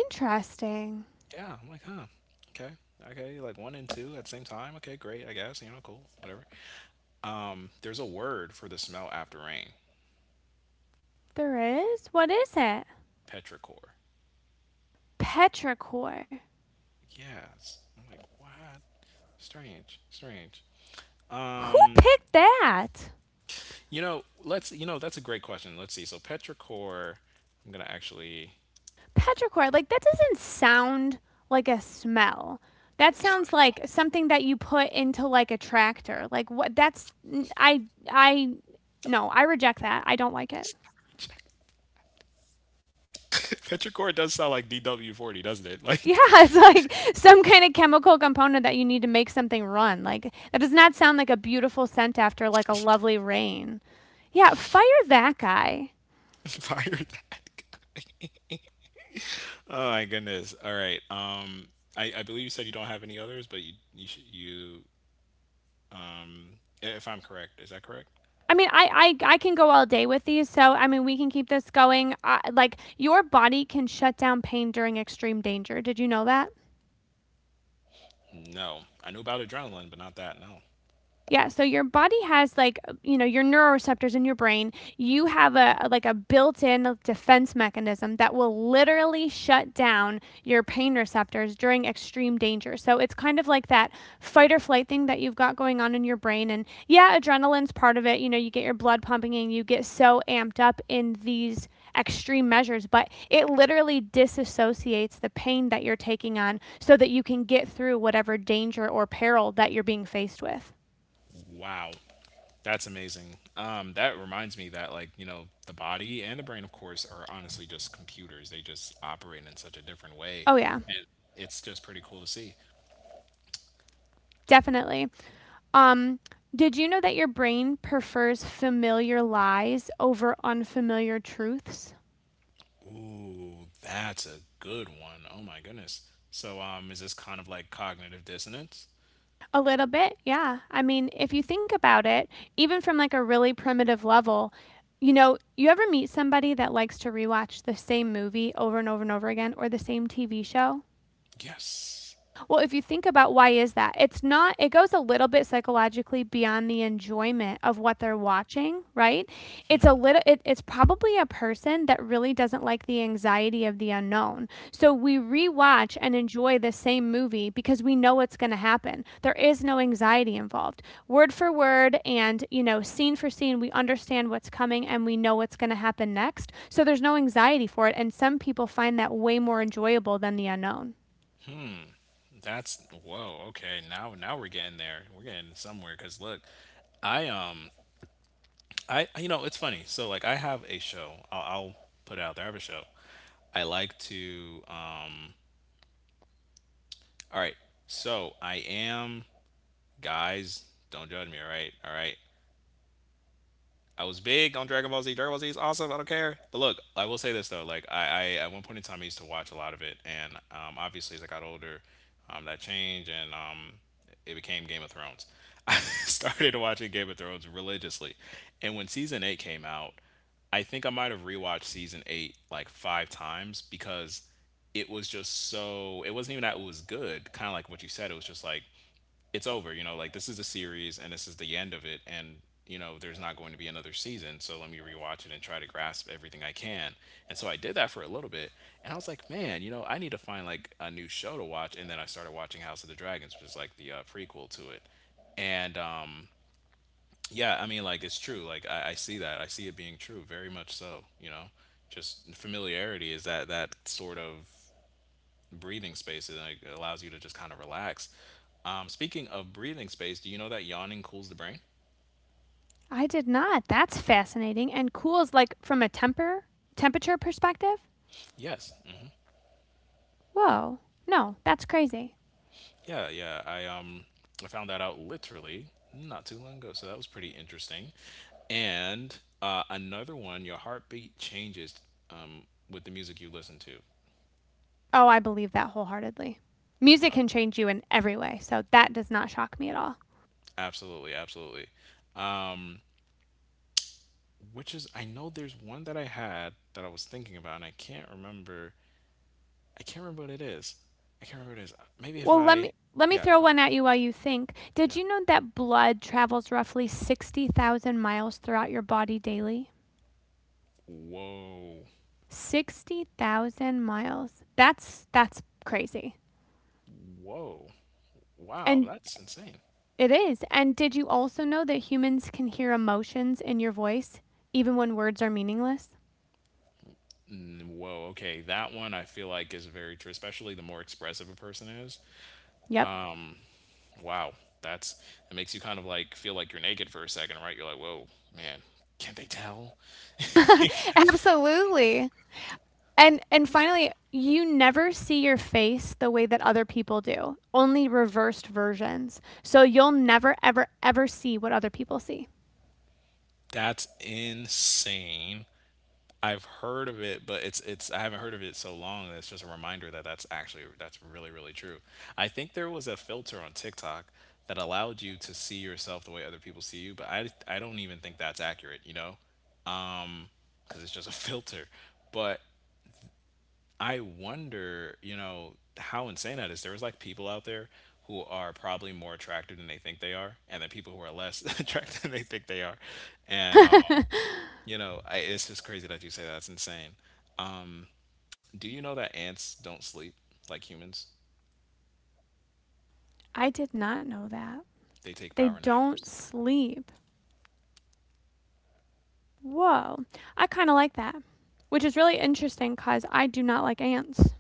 Speaker 1: Interesting.
Speaker 2: Yeah, I'm like, huh, okay, okay, like one and two at the same time. Okay, great, I guess. You know, cool, whatever. There's a word for the smell after rain,
Speaker 1: There is? What is it?
Speaker 2: petrichor.
Speaker 1: Petrichor.
Speaker 2: Yes, I'm like, what? Strange, strange.
Speaker 1: Who
Speaker 2: Um,
Speaker 1: picked that?
Speaker 2: you know, let's. You know, that's a great question. Let's see. So petrichor, I'm gonna actually
Speaker 1: Petrichor. Like, that doesn't sound like a smell. That sounds like something that you put into like a tractor. Like what that's I no, I reject that. I don't like it. [LAUGHS]
Speaker 2: Petrichor does sound like DW40, doesn't it? Like,
Speaker 1: Yeah, it's like some kind of chemical component that you need to make something run. Like that does not sound like a beautiful scent after like a lovely rain. Yeah, fire that guy.
Speaker 2: [LAUGHS] fire that guy. Oh my goodness. All right. I believe you said you don't have any others, but you should, you if I'm correct, is that correct?
Speaker 1: I mean, I can go all day with these, so I mean, we can keep this going. Like your body can shut down pain during extreme danger. Did you know that?
Speaker 2: No, I knew about adrenaline, but not that. No.
Speaker 1: Yeah, so your body has like, your neuroreceptors in your brain. You have a like a built-in defense mechanism that will literally shut down your pain receptors during extreme danger. So it's kind of like that fight or flight thing that you've got going on in your brain and yeah, adrenaline's part of it. You get your blood pumping and you get so amped up in these extreme measures, but it literally disassociates the pain that you're taking on so that you can get through whatever danger or peril that you're being faced with.
Speaker 2: Wow, that's amazing. That reminds me that like you know the body and the brain, of course, are honestly just computers. They just operate in such a different way,
Speaker 1: Oh yeah,
Speaker 2: and it's just pretty cool to see.
Speaker 1: definitely. Um, did you know that your brain prefers familiar lies over unfamiliar truths?
Speaker 2: Ooh, that's a good one. Oh my goodness. So, is this kind of like cognitive dissonance?
Speaker 1: A little bit, yeah. I mean, if you think about it, even from like a really primitive level, you ever meet somebody that likes to rewatch the same movie over and over and over again or the same TV show?
Speaker 2: Yes.
Speaker 1: Well, if you think about why is that? It's not it goes a little bit psychologically beyond the enjoyment of what they're watching, right? It's probably a person that really doesn't like the anxiety of the unknown. So we rewatch and enjoy the same movie because we know what's going to happen. There is no anxiety involved. Word for word and, scene for scene, we understand what's coming and we know what's going to happen next. So there's no anxiety for it and some people find that way more enjoyable than the unknown.
Speaker 2: That's whoa. Okay, now now we're getting there. We're getting somewhere. Cause look, I um I you know it's funny. So like I have a show. I'll put it out there. I have a show. I like to All right. So I am guys. Don't judge me. All right. All right. I was big on Dragon Ball Z. Dragon Ball Z is awesome. I don't care. But look, I will say this though. Like I at one point in time, I used to watch a lot of it, and obviously as I got older, that changed, and it became Game of Thrones. [LAUGHS] I started watching Game of Thrones religiously, and when season 8 came out, I think I might have rewatched season 8 like 5 times because it was just so. It wasn't even that it was good. Kind of like what you said. It was just like it's over. You know, like this is a series and this is the end of it. And, you know, there's not going to be another season. So let me rewatch it and try to grasp everything I can. And so I did that for a little bit. And I was like, man, you know, I need to find like a new show to watch. And then I started watching House of the Dragons, which is like the prequel to it. And yeah, I mean, like it's true. Like I see that. I see it being true, very much so. You know, just familiarity is that sort of breathing space and like, it allows you to just kind of relax. Speaking of breathing space, do you know that yawning cools the brain?
Speaker 1: I did not. That's fascinating. And cools like from a temperature perspective?
Speaker 2: Yes. Mm.
Speaker 1: Whoa. No, that's crazy.
Speaker 2: Yeah, yeah. I found that out literally not too long ago, so that was pretty interesting. And another one, your heartbeat changes um, with the music you listen to.
Speaker 1: Oh, I believe that wholeheartedly. Music can change you in every way, so that does not shock me at all.
Speaker 2: Absolutely, absolutely. Um, which is, I know there's one that I had that I was thinking about, and I can't remember. I can't remember what it is. I can't remember what it is. Maybe if
Speaker 1: Well, let
Speaker 2: I,
Speaker 1: me let me
Speaker 2: yeah.
Speaker 1: throw one at you while you think. Did you know that blood travels roughly 60,000 miles throughout your body daily?
Speaker 2: Whoa.
Speaker 1: 60,000 miles. That's crazy.
Speaker 2: Whoa. Wow,
Speaker 1: And
Speaker 2: that's insane.
Speaker 1: it is. And did you also know that humans can hear emotions in your voice even when words are meaningless?
Speaker 2: Mm, whoa, okay. That one I feel like is very true, especially the more expressive a person is.
Speaker 1: Yep.
Speaker 2: Wow, that's it makes you kind of like feel like you're naked for a second, right? You're like, whoa, man, can't they tell?
Speaker 1: [LAUGHS] Absolutely. And finally, you never see your face the way that other people do. Only reversed versions. So you'll never ever ever see what other people see.
Speaker 2: That's insane. I've heard of it, but it's I haven't heard of it so long that it's just a reminder that that's actually that's really really true. I think there was a filter on TikTok that allowed you to see yourself the way other people see you, but I don't even think that's accurate, you know, because it's just a [LAUGHS] filter. But I wonder, you know, how insane that is. There was like people out there who are probably more attractive than they think they are, and then people who are less [LAUGHS] attractive than they think they are, and
Speaker 1: [LAUGHS]
Speaker 2: you know, I, it's just crazy that you say that. That's insane. Um, Do you know that ants don't sleep like humans?
Speaker 1: I did not know that.
Speaker 2: They take
Speaker 1: They
Speaker 2: power
Speaker 1: don't
Speaker 2: naps.
Speaker 1: sleep. Whoa. I kind of like that. Which is really interesting cuz I do not like ants.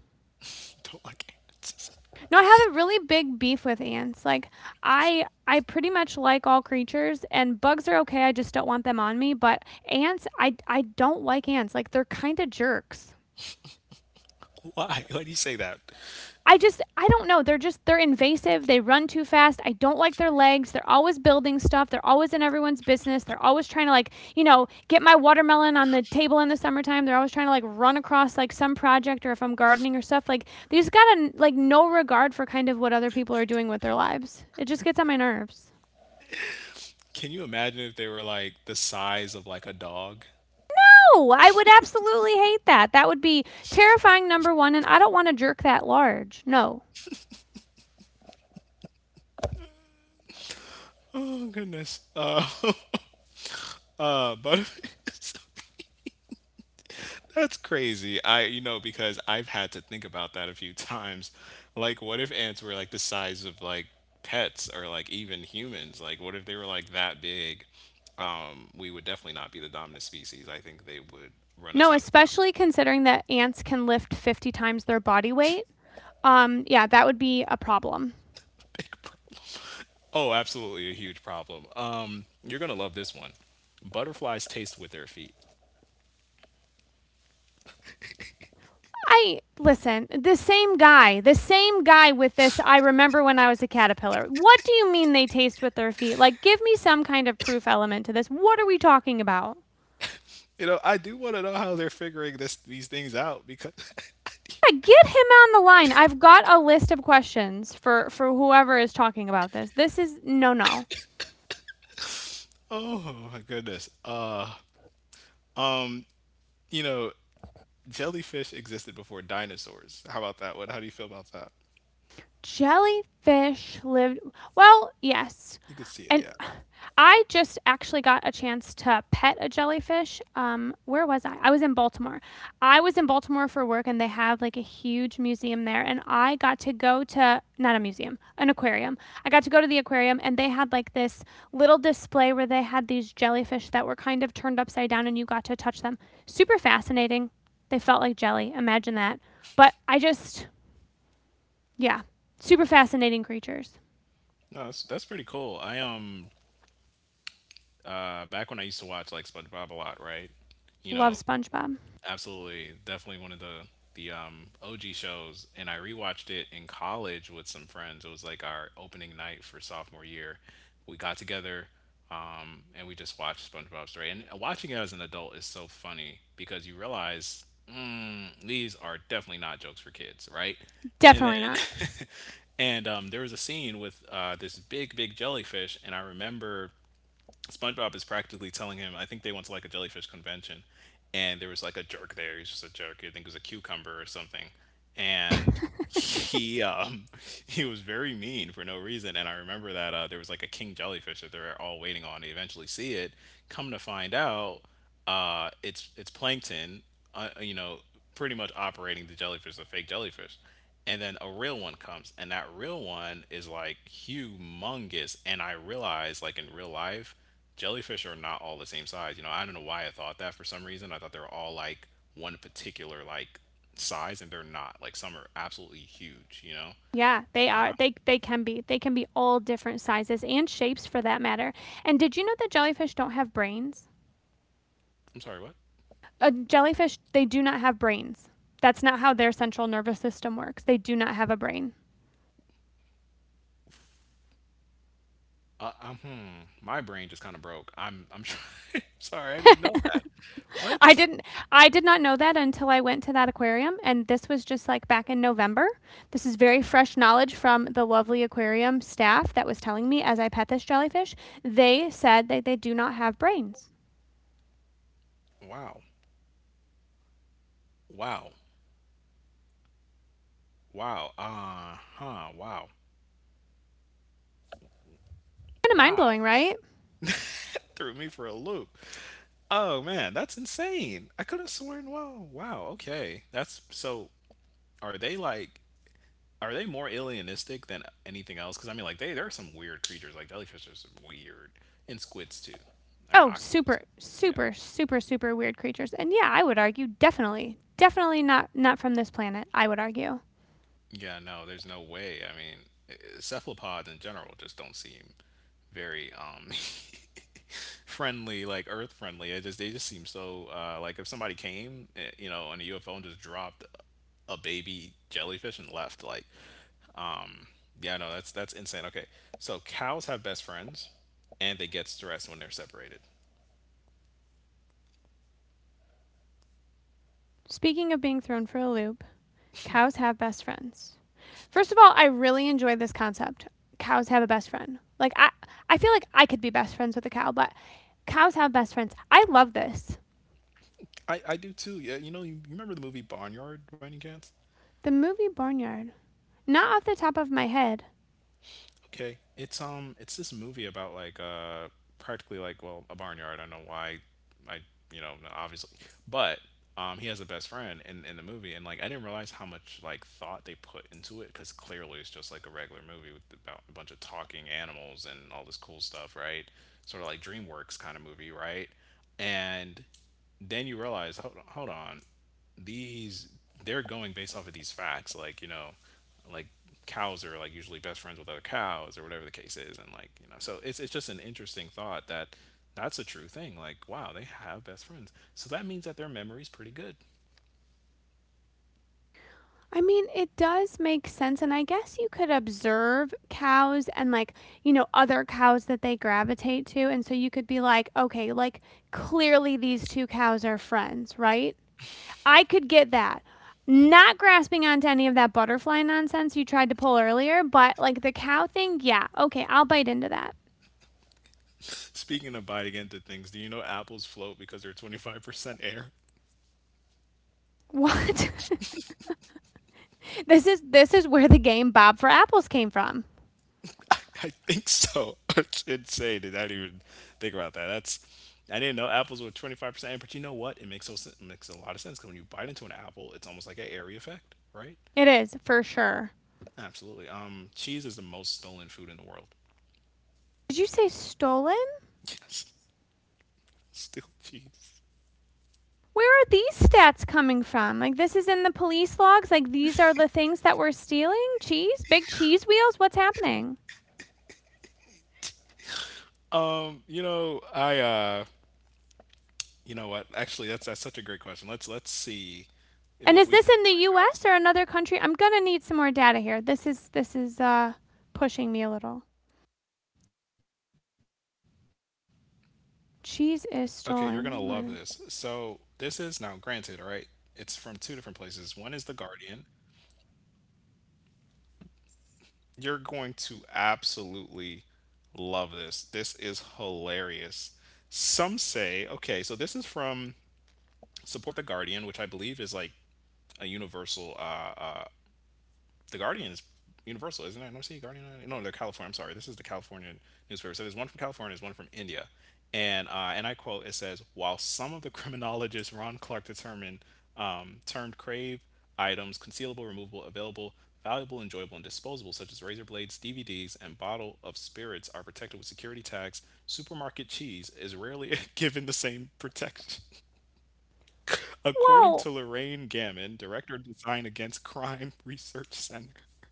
Speaker 2: [LAUGHS] Don't like ants.
Speaker 1: No, I have a really big beef with ants. Like I pretty much like all creatures and bugs are okay. I just don't want them on me, but ants I don't like ants. Like they're kind of jerks.
Speaker 2: [LAUGHS] Why? Why do you say that?
Speaker 1: I don't know. They're invasive. They run too fast. I don't like their legs. They're always building stuff. They're always in everyone's business. They're always trying to, get my watermelon on the table in the summertime. They're always trying to like run across like some project or if I'm gardening or stuff. Like they just got a, like no regard for kind of what other people are doing with their lives. It just gets on my nerves.
Speaker 2: Can you imagine if they were like the size of like a dog?
Speaker 1: No, I would absolutely hate that. That would be terrifying number 1, and I don't want a jerk that large. No.
Speaker 2: Oh goodness. But [LAUGHS] that's crazy. I, you know, because I've had to think about that a few times. Like, what if ants were like the size of like pets or like even humans? Like, what if they were like that big? We would definitely not be the dominant species. I think they would run us
Speaker 1: No,
Speaker 2: out of town. [LAUGHS]
Speaker 1: especially considering that ants can lift 50 times their body weight. Yeah, that would be a problem.
Speaker 2: Big. Oh, absolutely a huge problem. You're gonna love this one. Butterflies taste with their feet.
Speaker 1: I listen, the same guy with this. I remember when I was a caterpillar. What do you mean they taste with their feet? Like, give me some kind of proof element to this. What are we talking about?
Speaker 2: You know, I do want to know how they're figuring this these things out because,
Speaker 1: Yeah, get him on the line. I've got a list of questions for whoever is talking about this. This is no no.
Speaker 2: [LAUGHS] oh my goodness. You know, jellyfish existed before dinosaurs. How about that one? How do you feel about that?
Speaker 1: Jellyfish lived. Well, yes.
Speaker 2: You could see it,
Speaker 1: And
Speaker 2: yeah.
Speaker 1: [SIGHS] I just actually got a chance to pet a jellyfish. Where was I? I was in Baltimore. I was in Baltimore for work, and they have like a huge museum there. And I got to go to not a museum, an aquarium. I got to go to the aquarium, and they had like this little display where they had these jellyfish that were kind of turned upside down, and you got to touch them. Super fascinating. They felt like jelly. Imagine that. But I just yeah. Super fascinating creatures.
Speaker 2: No, that's pretty cool. I back when I used to watch like SpongeBob a lot, right? You
Speaker 1: Love
Speaker 2: know,
Speaker 1: SpongeBob.
Speaker 2: absolutely, definitely one of the OG shows, and I rewatched it in college with some friends. It was like our opening night for sophomore year. We got together, and we just watched SpongeBob Story. And watching it as an adult is so funny because you realize mm, these are definitely not jokes for kids, right? And
Speaker 1: Definitely not.
Speaker 2: then, [LAUGHS] and there was a scene with this big, big jellyfish, and I remember SpongeBob is practically telling him, I think they went to like a jellyfish convention and there was like a jerk there. He's just a jerk. I think it was a cucumber or something. And he [LAUGHS] he was very mean for no reason, and I remember that there was like a king jellyfish that they're all waiting on. They eventually see it come to find out it's plankton, you know, pretty much operating the jellyfish, the fake jellyfish, and then a real one comes and that real one is like humongous, and I realize like in real life jellyfish are not all the same size. You know, I don't know why I thought that for some reason. I thought they were all like one particular like size, and they're not. Like some are absolutely huge. You know.
Speaker 1: Yeah, they are. They can be. They can be all different sizes and shapes for that matter. And did you know that jellyfish don't have brains?
Speaker 2: I'm sorry. What?
Speaker 1: A jellyfish, they do not have brains. That's not how their central nervous system works. They do not have a brain.
Speaker 2: Hmm. My brain just kind of broke. I'm trying. [LAUGHS] Sorry. I didn't know that.
Speaker 1: I
Speaker 2: What?
Speaker 1: didn't I did not know that until I went to that aquarium, and this was just like back in November. This is very fresh knowledge from the lovely aquarium staff that was telling me as I pet this jellyfish. They said that they do not have brains.
Speaker 2: Wow. Wow. Wow. Uh huh. Wow.
Speaker 1: Kind of
Speaker 2: Wow.
Speaker 1: mind-blowing, right?
Speaker 2: [LAUGHS] Threw me for a loop. Oh man, that's insane. I could have sworn. Wow. Wow. Okay. That's so. Are they like? Are they more alienistic than anything else? Because I mean, like they there are some weird creatures. Like jellyfish are some weird, and squids too, and
Speaker 1: Oh,
Speaker 2: octopus.
Speaker 1: super
Speaker 2: Yeah,
Speaker 1: super super super weird creatures. And yeah, I would argue definitely definitely not from this planet, I would argue.
Speaker 2: yeah. No, there's no way. I mean, cephalopods in general just don't seem very [LAUGHS] friendly, like Earth friendly. It just they just seem so like if somebody came, you know, on a UFO and just dropped a baby jellyfish and left, like Um, yeah, no, that's insane. Okay, so cows have best friends, and they get stressed when they're separated.
Speaker 1: Speaking of being thrown for a loop, cows have best friends. First of all, I really enjoy this concept. Cows have a best friend. Like I feel like I could be best friends with a cow, but cows have best friends. I love this.
Speaker 2: I do too. Yeah, you know, you remember the movie Barnyard by any chance?
Speaker 1: The movie Barnyard. Not off the top of my head.
Speaker 2: Okay, it's this movie about like practically like well, a barnyard. I don't know why, I you know obviously, but he has a best friend in the movie, and like I didn't realize how much like thought they put into it because clearly it's just like a regular movie with about a bunch of talking animals and all this cool stuff, right? Sort of like DreamWorks kind of movie, right? And then you realize, hold on, hold on, these they're going based off of these facts, like you know, like cows are like usually best friends with other cows or whatever the case is, and like you know so it's just an interesting thought that that's a true thing, like wow, they have best friends, so that means that their memory's pretty good.
Speaker 1: I mean, it does make sense, and I guess you could observe cows and, like, you know, other cows that they gravitate to, and so you could be like, okay, like clearly these two cows are friends, right? I could get that. Not grasping onto any of that butterfly nonsense you tried to pull earlier, but like the cow thing, yeah, okay, I'll bite into that.
Speaker 2: Speaking of biting into things, do you know apples float because they're 25% air?
Speaker 1: What? [LAUGHS] This is where the game Bob for Apples came from.
Speaker 2: [LAUGHS] I think so. [LAUGHS] It's insane. Did I even think about that? That's I didn't know apples were 25% air, but you know what? It makes so sen- it makes a lot of sense because when you bite into an apple, it's almost like an airy effect, right?
Speaker 1: It is, for sure.
Speaker 2: Absolutely. Cheese is the most stolen food in the world.
Speaker 1: Did you say stolen?
Speaker 2: Still cheese.
Speaker 1: Where are these stats coming from? Like this is in the police logs, like these are the things that we're stealing? Cheese? Big cheese wheels? What's happening?
Speaker 2: You know, I you know what? Actually, that's such a great question. Let's
Speaker 1: And
Speaker 2: see
Speaker 1: is this in the
Speaker 2: what
Speaker 1: US
Speaker 2: we
Speaker 1: or
Speaker 2: can
Speaker 1: another
Speaker 2: find,
Speaker 1: country? I'm
Speaker 2: guys.
Speaker 1: gonna need some more data here. This is pushing me a little.
Speaker 2: Okay, you're gonna love this.
Speaker 1: Cheese is
Speaker 2: So this is
Speaker 1: stolen.
Speaker 2: now granted, all right? It's from two different places. One is The Guardian. You're going to absolutely love this. This is hilarious. Some say, okay, so this is from Support the Guardian, which I believe is like a universal the Guardian is universal, isn't it? Let me see, Guardian. No, they're California. I'm sorry. This is the California newspaper. So there's one from California, there's one from India, and I quote: "It says while some of the criminologists Ron Clark determined termed crave items concealable, removable, available." Valuable, enjoyable, and disposable, such as razor blades, DVDs, and bottle of spirits, are protected with security tags. Supermarket cheese is rarely [LAUGHS] given the same protection.
Speaker 1: Well,
Speaker 2: According to Lorraine Gammon, director of Design Against Crime [LAUGHS] Research Center.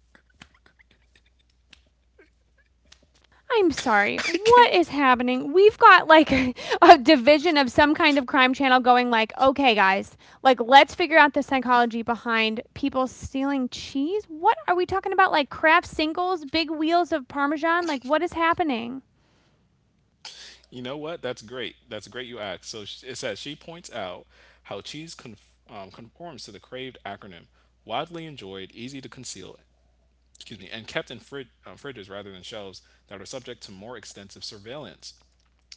Speaker 1: I'm sorry.
Speaker 2: [LAUGHS]
Speaker 1: What
Speaker 2: I
Speaker 1: is
Speaker 2: can't.
Speaker 1: happening? We've got like [LAUGHS] a division of some kind of crime channel going like, "Okay, guys, like let's figure out the psychology behind people stealing cheese." What are we talking about, like Kraft singles, big wheels of parmesan? Like what is happening?
Speaker 2: You know what? That's great. That's great you asked. So it says she points out how cheese conforms to the craved acronym, widely enjoyed, easy to conceal, excuse me, and kept in fridges rather than shelves that are subject to more extensive surveillance.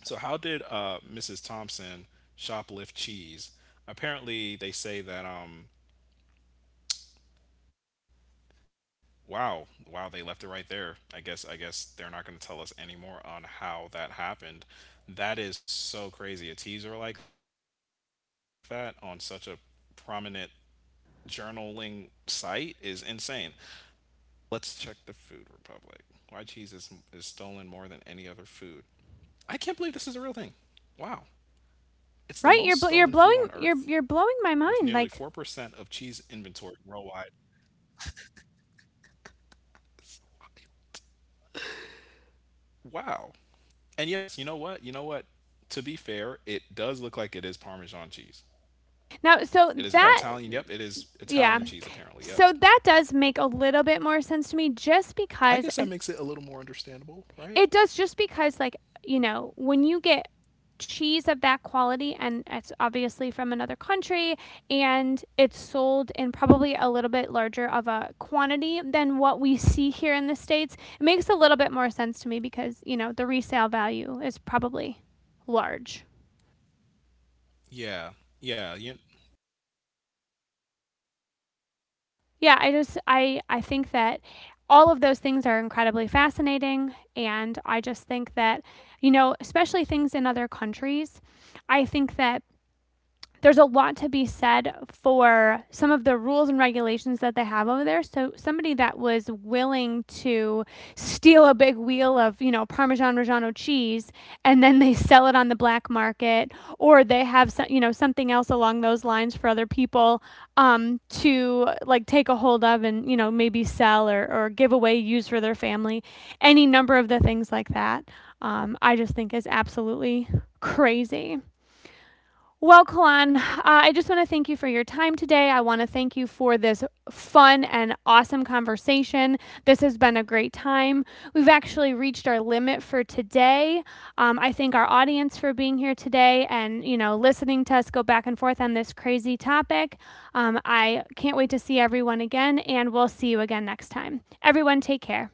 Speaker 2: So, how did Mrs. Thompson shoplift cheese? Apparently, they say that wow, wow, they left it right there. I guess they're not going to tell us any more on how that happened. That is so crazy. A teaser like that on such a prominent journaling site is insane. Let's check the Food Republic. Why cheese is stolen more than any other food? I can't believe this is a real thing. Wow. It's the most stolen
Speaker 1: Right?
Speaker 2: food
Speaker 1: You're
Speaker 2: on
Speaker 1: bl- you're
Speaker 2: earth
Speaker 1: blowing You're
Speaker 2: with
Speaker 1: blowing my
Speaker 2: nearly
Speaker 1: mind. Like
Speaker 2: 4% of cheese inventory worldwide. Wow. And yes, you know what? You know what? To be fair, it does look like it is Parmesan cheese.
Speaker 1: now so
Speaker 2: It is
Speaker 1: that
Speaker 2: Italian. Yep, it is Italian
Speaker 1: yeah.
Speaker 2: cheese, apparently. Yep.
Speaker 1: So that does make a little bit more sense to me just
Speaker 2: I guess
Speaker 1: because
Speaker 2: that makes it a little more understandable, right?
Speaker 1: it does just because, like, you know, when you get cheese of that quality, and it's obviously from another country, and it's sold in probably a little bit larger of a quantity than what we see here in the States, it makes a little bit more sense to me because, you know, the resale value is probably large.
Speaker 2: Yeah. Yeah. That makes sense.
Speaker 1: Yeah, I just I think that all
Speaker 2: That
Speaker 1: of those
Speaker 2: is
Speaker 1: things are
Speaker 2: true. I
Speaker 1: incredibly
Speaker 2: never thought about investing
Speaker 1: fascinating,
Speaker 2: in Parmesan
Speaker 1: and I
Speaker 2: cheese
Speaker 1: just
Speaker 2: wheels,
Speaker 1: think
Speaker 2: but
Speaker 1: that,
Speaker 2: I that
Speaker 1: you
Speaker 2: sounds like a
Speaker 1: know,
Speaker 2: great idea.
Speaker 1: especially things in other countries, I think that
Speaker 2: Yeah, like
Speaker 1: there's
Speaker 2: four
Speaker 1: a
Speaker 2: thousand
Speaker 1: lot to
Speaker 2: dollars, I
Speaker 1: be
Speaker 2: believe, for
Speaker 1: said
Speaker 2: like a wheel. It could go way
Speaker 1: for
Speaker 2: up to
Speaker 1: some of
Speaker 2: I
Speaker 1: the
Speaker 2: think
Speaker 1: rules and
Speaker 2: hundreds of thousands,
Speaker 1: regulations
Speaker 2: which
Speaker 1: that
Speaker 2: is
Speaker 1: they have over there.
Speaker 2: insane.
Speaker 1: So somebody that
Speaker 2: But
Speaker 1: was
Speaker 2: buy like two
Speaker 1: willing
Speaker 2: thousand, four
Speaker 1: to
Speaker 2: thousand dollar
Speaker 1: steal
Speaker 2: wheel
Speaker 1: a big
Speaker 2: and
Speaker 1: wheel
Speaker 2: just
Speaker 1: of, you know,
Speaker 2: have it there
Speaker 1: Parmesan
Speaker 2: for like
Speaker 1: Reggiano
Speaker 2: forty
Speaker 1: cheese
Speaker 2: years,
Speaker 1: and
Speaker 2: and
Speaker 1: then
Speaker 2: you
Speaker 1: they
Speaker 2: know,
Speaker 1: sell it on the black
Speaker 2: see what that turns out
Speaker 1: market,
Speaker 2: to be.
Speaker 1: or
Speaker 2: That's
Speaker 1: they have
Speaker 2: interesting.
Speaker 1: some, you know, something else along those lines for other people,
Speaker 2: Let's see here, I'm
Speaker 1: to like
Speaker 2: trying to
Speaker 1: take a
Speaker 2: think
Speaker 1: hold of and,
Speaker 2: now.
Speaker 1: you know, maybe sell or, give away,
Speaker 2: Oh
Speaker 1: use for
Speaker 2: yeah,
Speaker 1: their
Speaker 2: I'm sure you know
Speaker 1: family,
Speaker 2: this one,
Speaker 1: any
Speaker 2: right?
Speaker 1: number of the
Speaker 2: They say
Speaker 1: things like
Speaker 2: space is
Speaker 1: that.
Speaker 2: completely. S-
Speaker 1: I just
Speaker 2: oh,
Speaker 1: think is absolutely crazy. Well, Kalan, I just want to thank you for your time today. I want to thank you for this fun and awesome conversation. This has been a great time. We've actually reached our limit for today. I thank our audience for being here today and you know listening to us go back and forth on this crazy topic. I can't wait to see everyone again, and we'll see you again next time. Everyone, take care.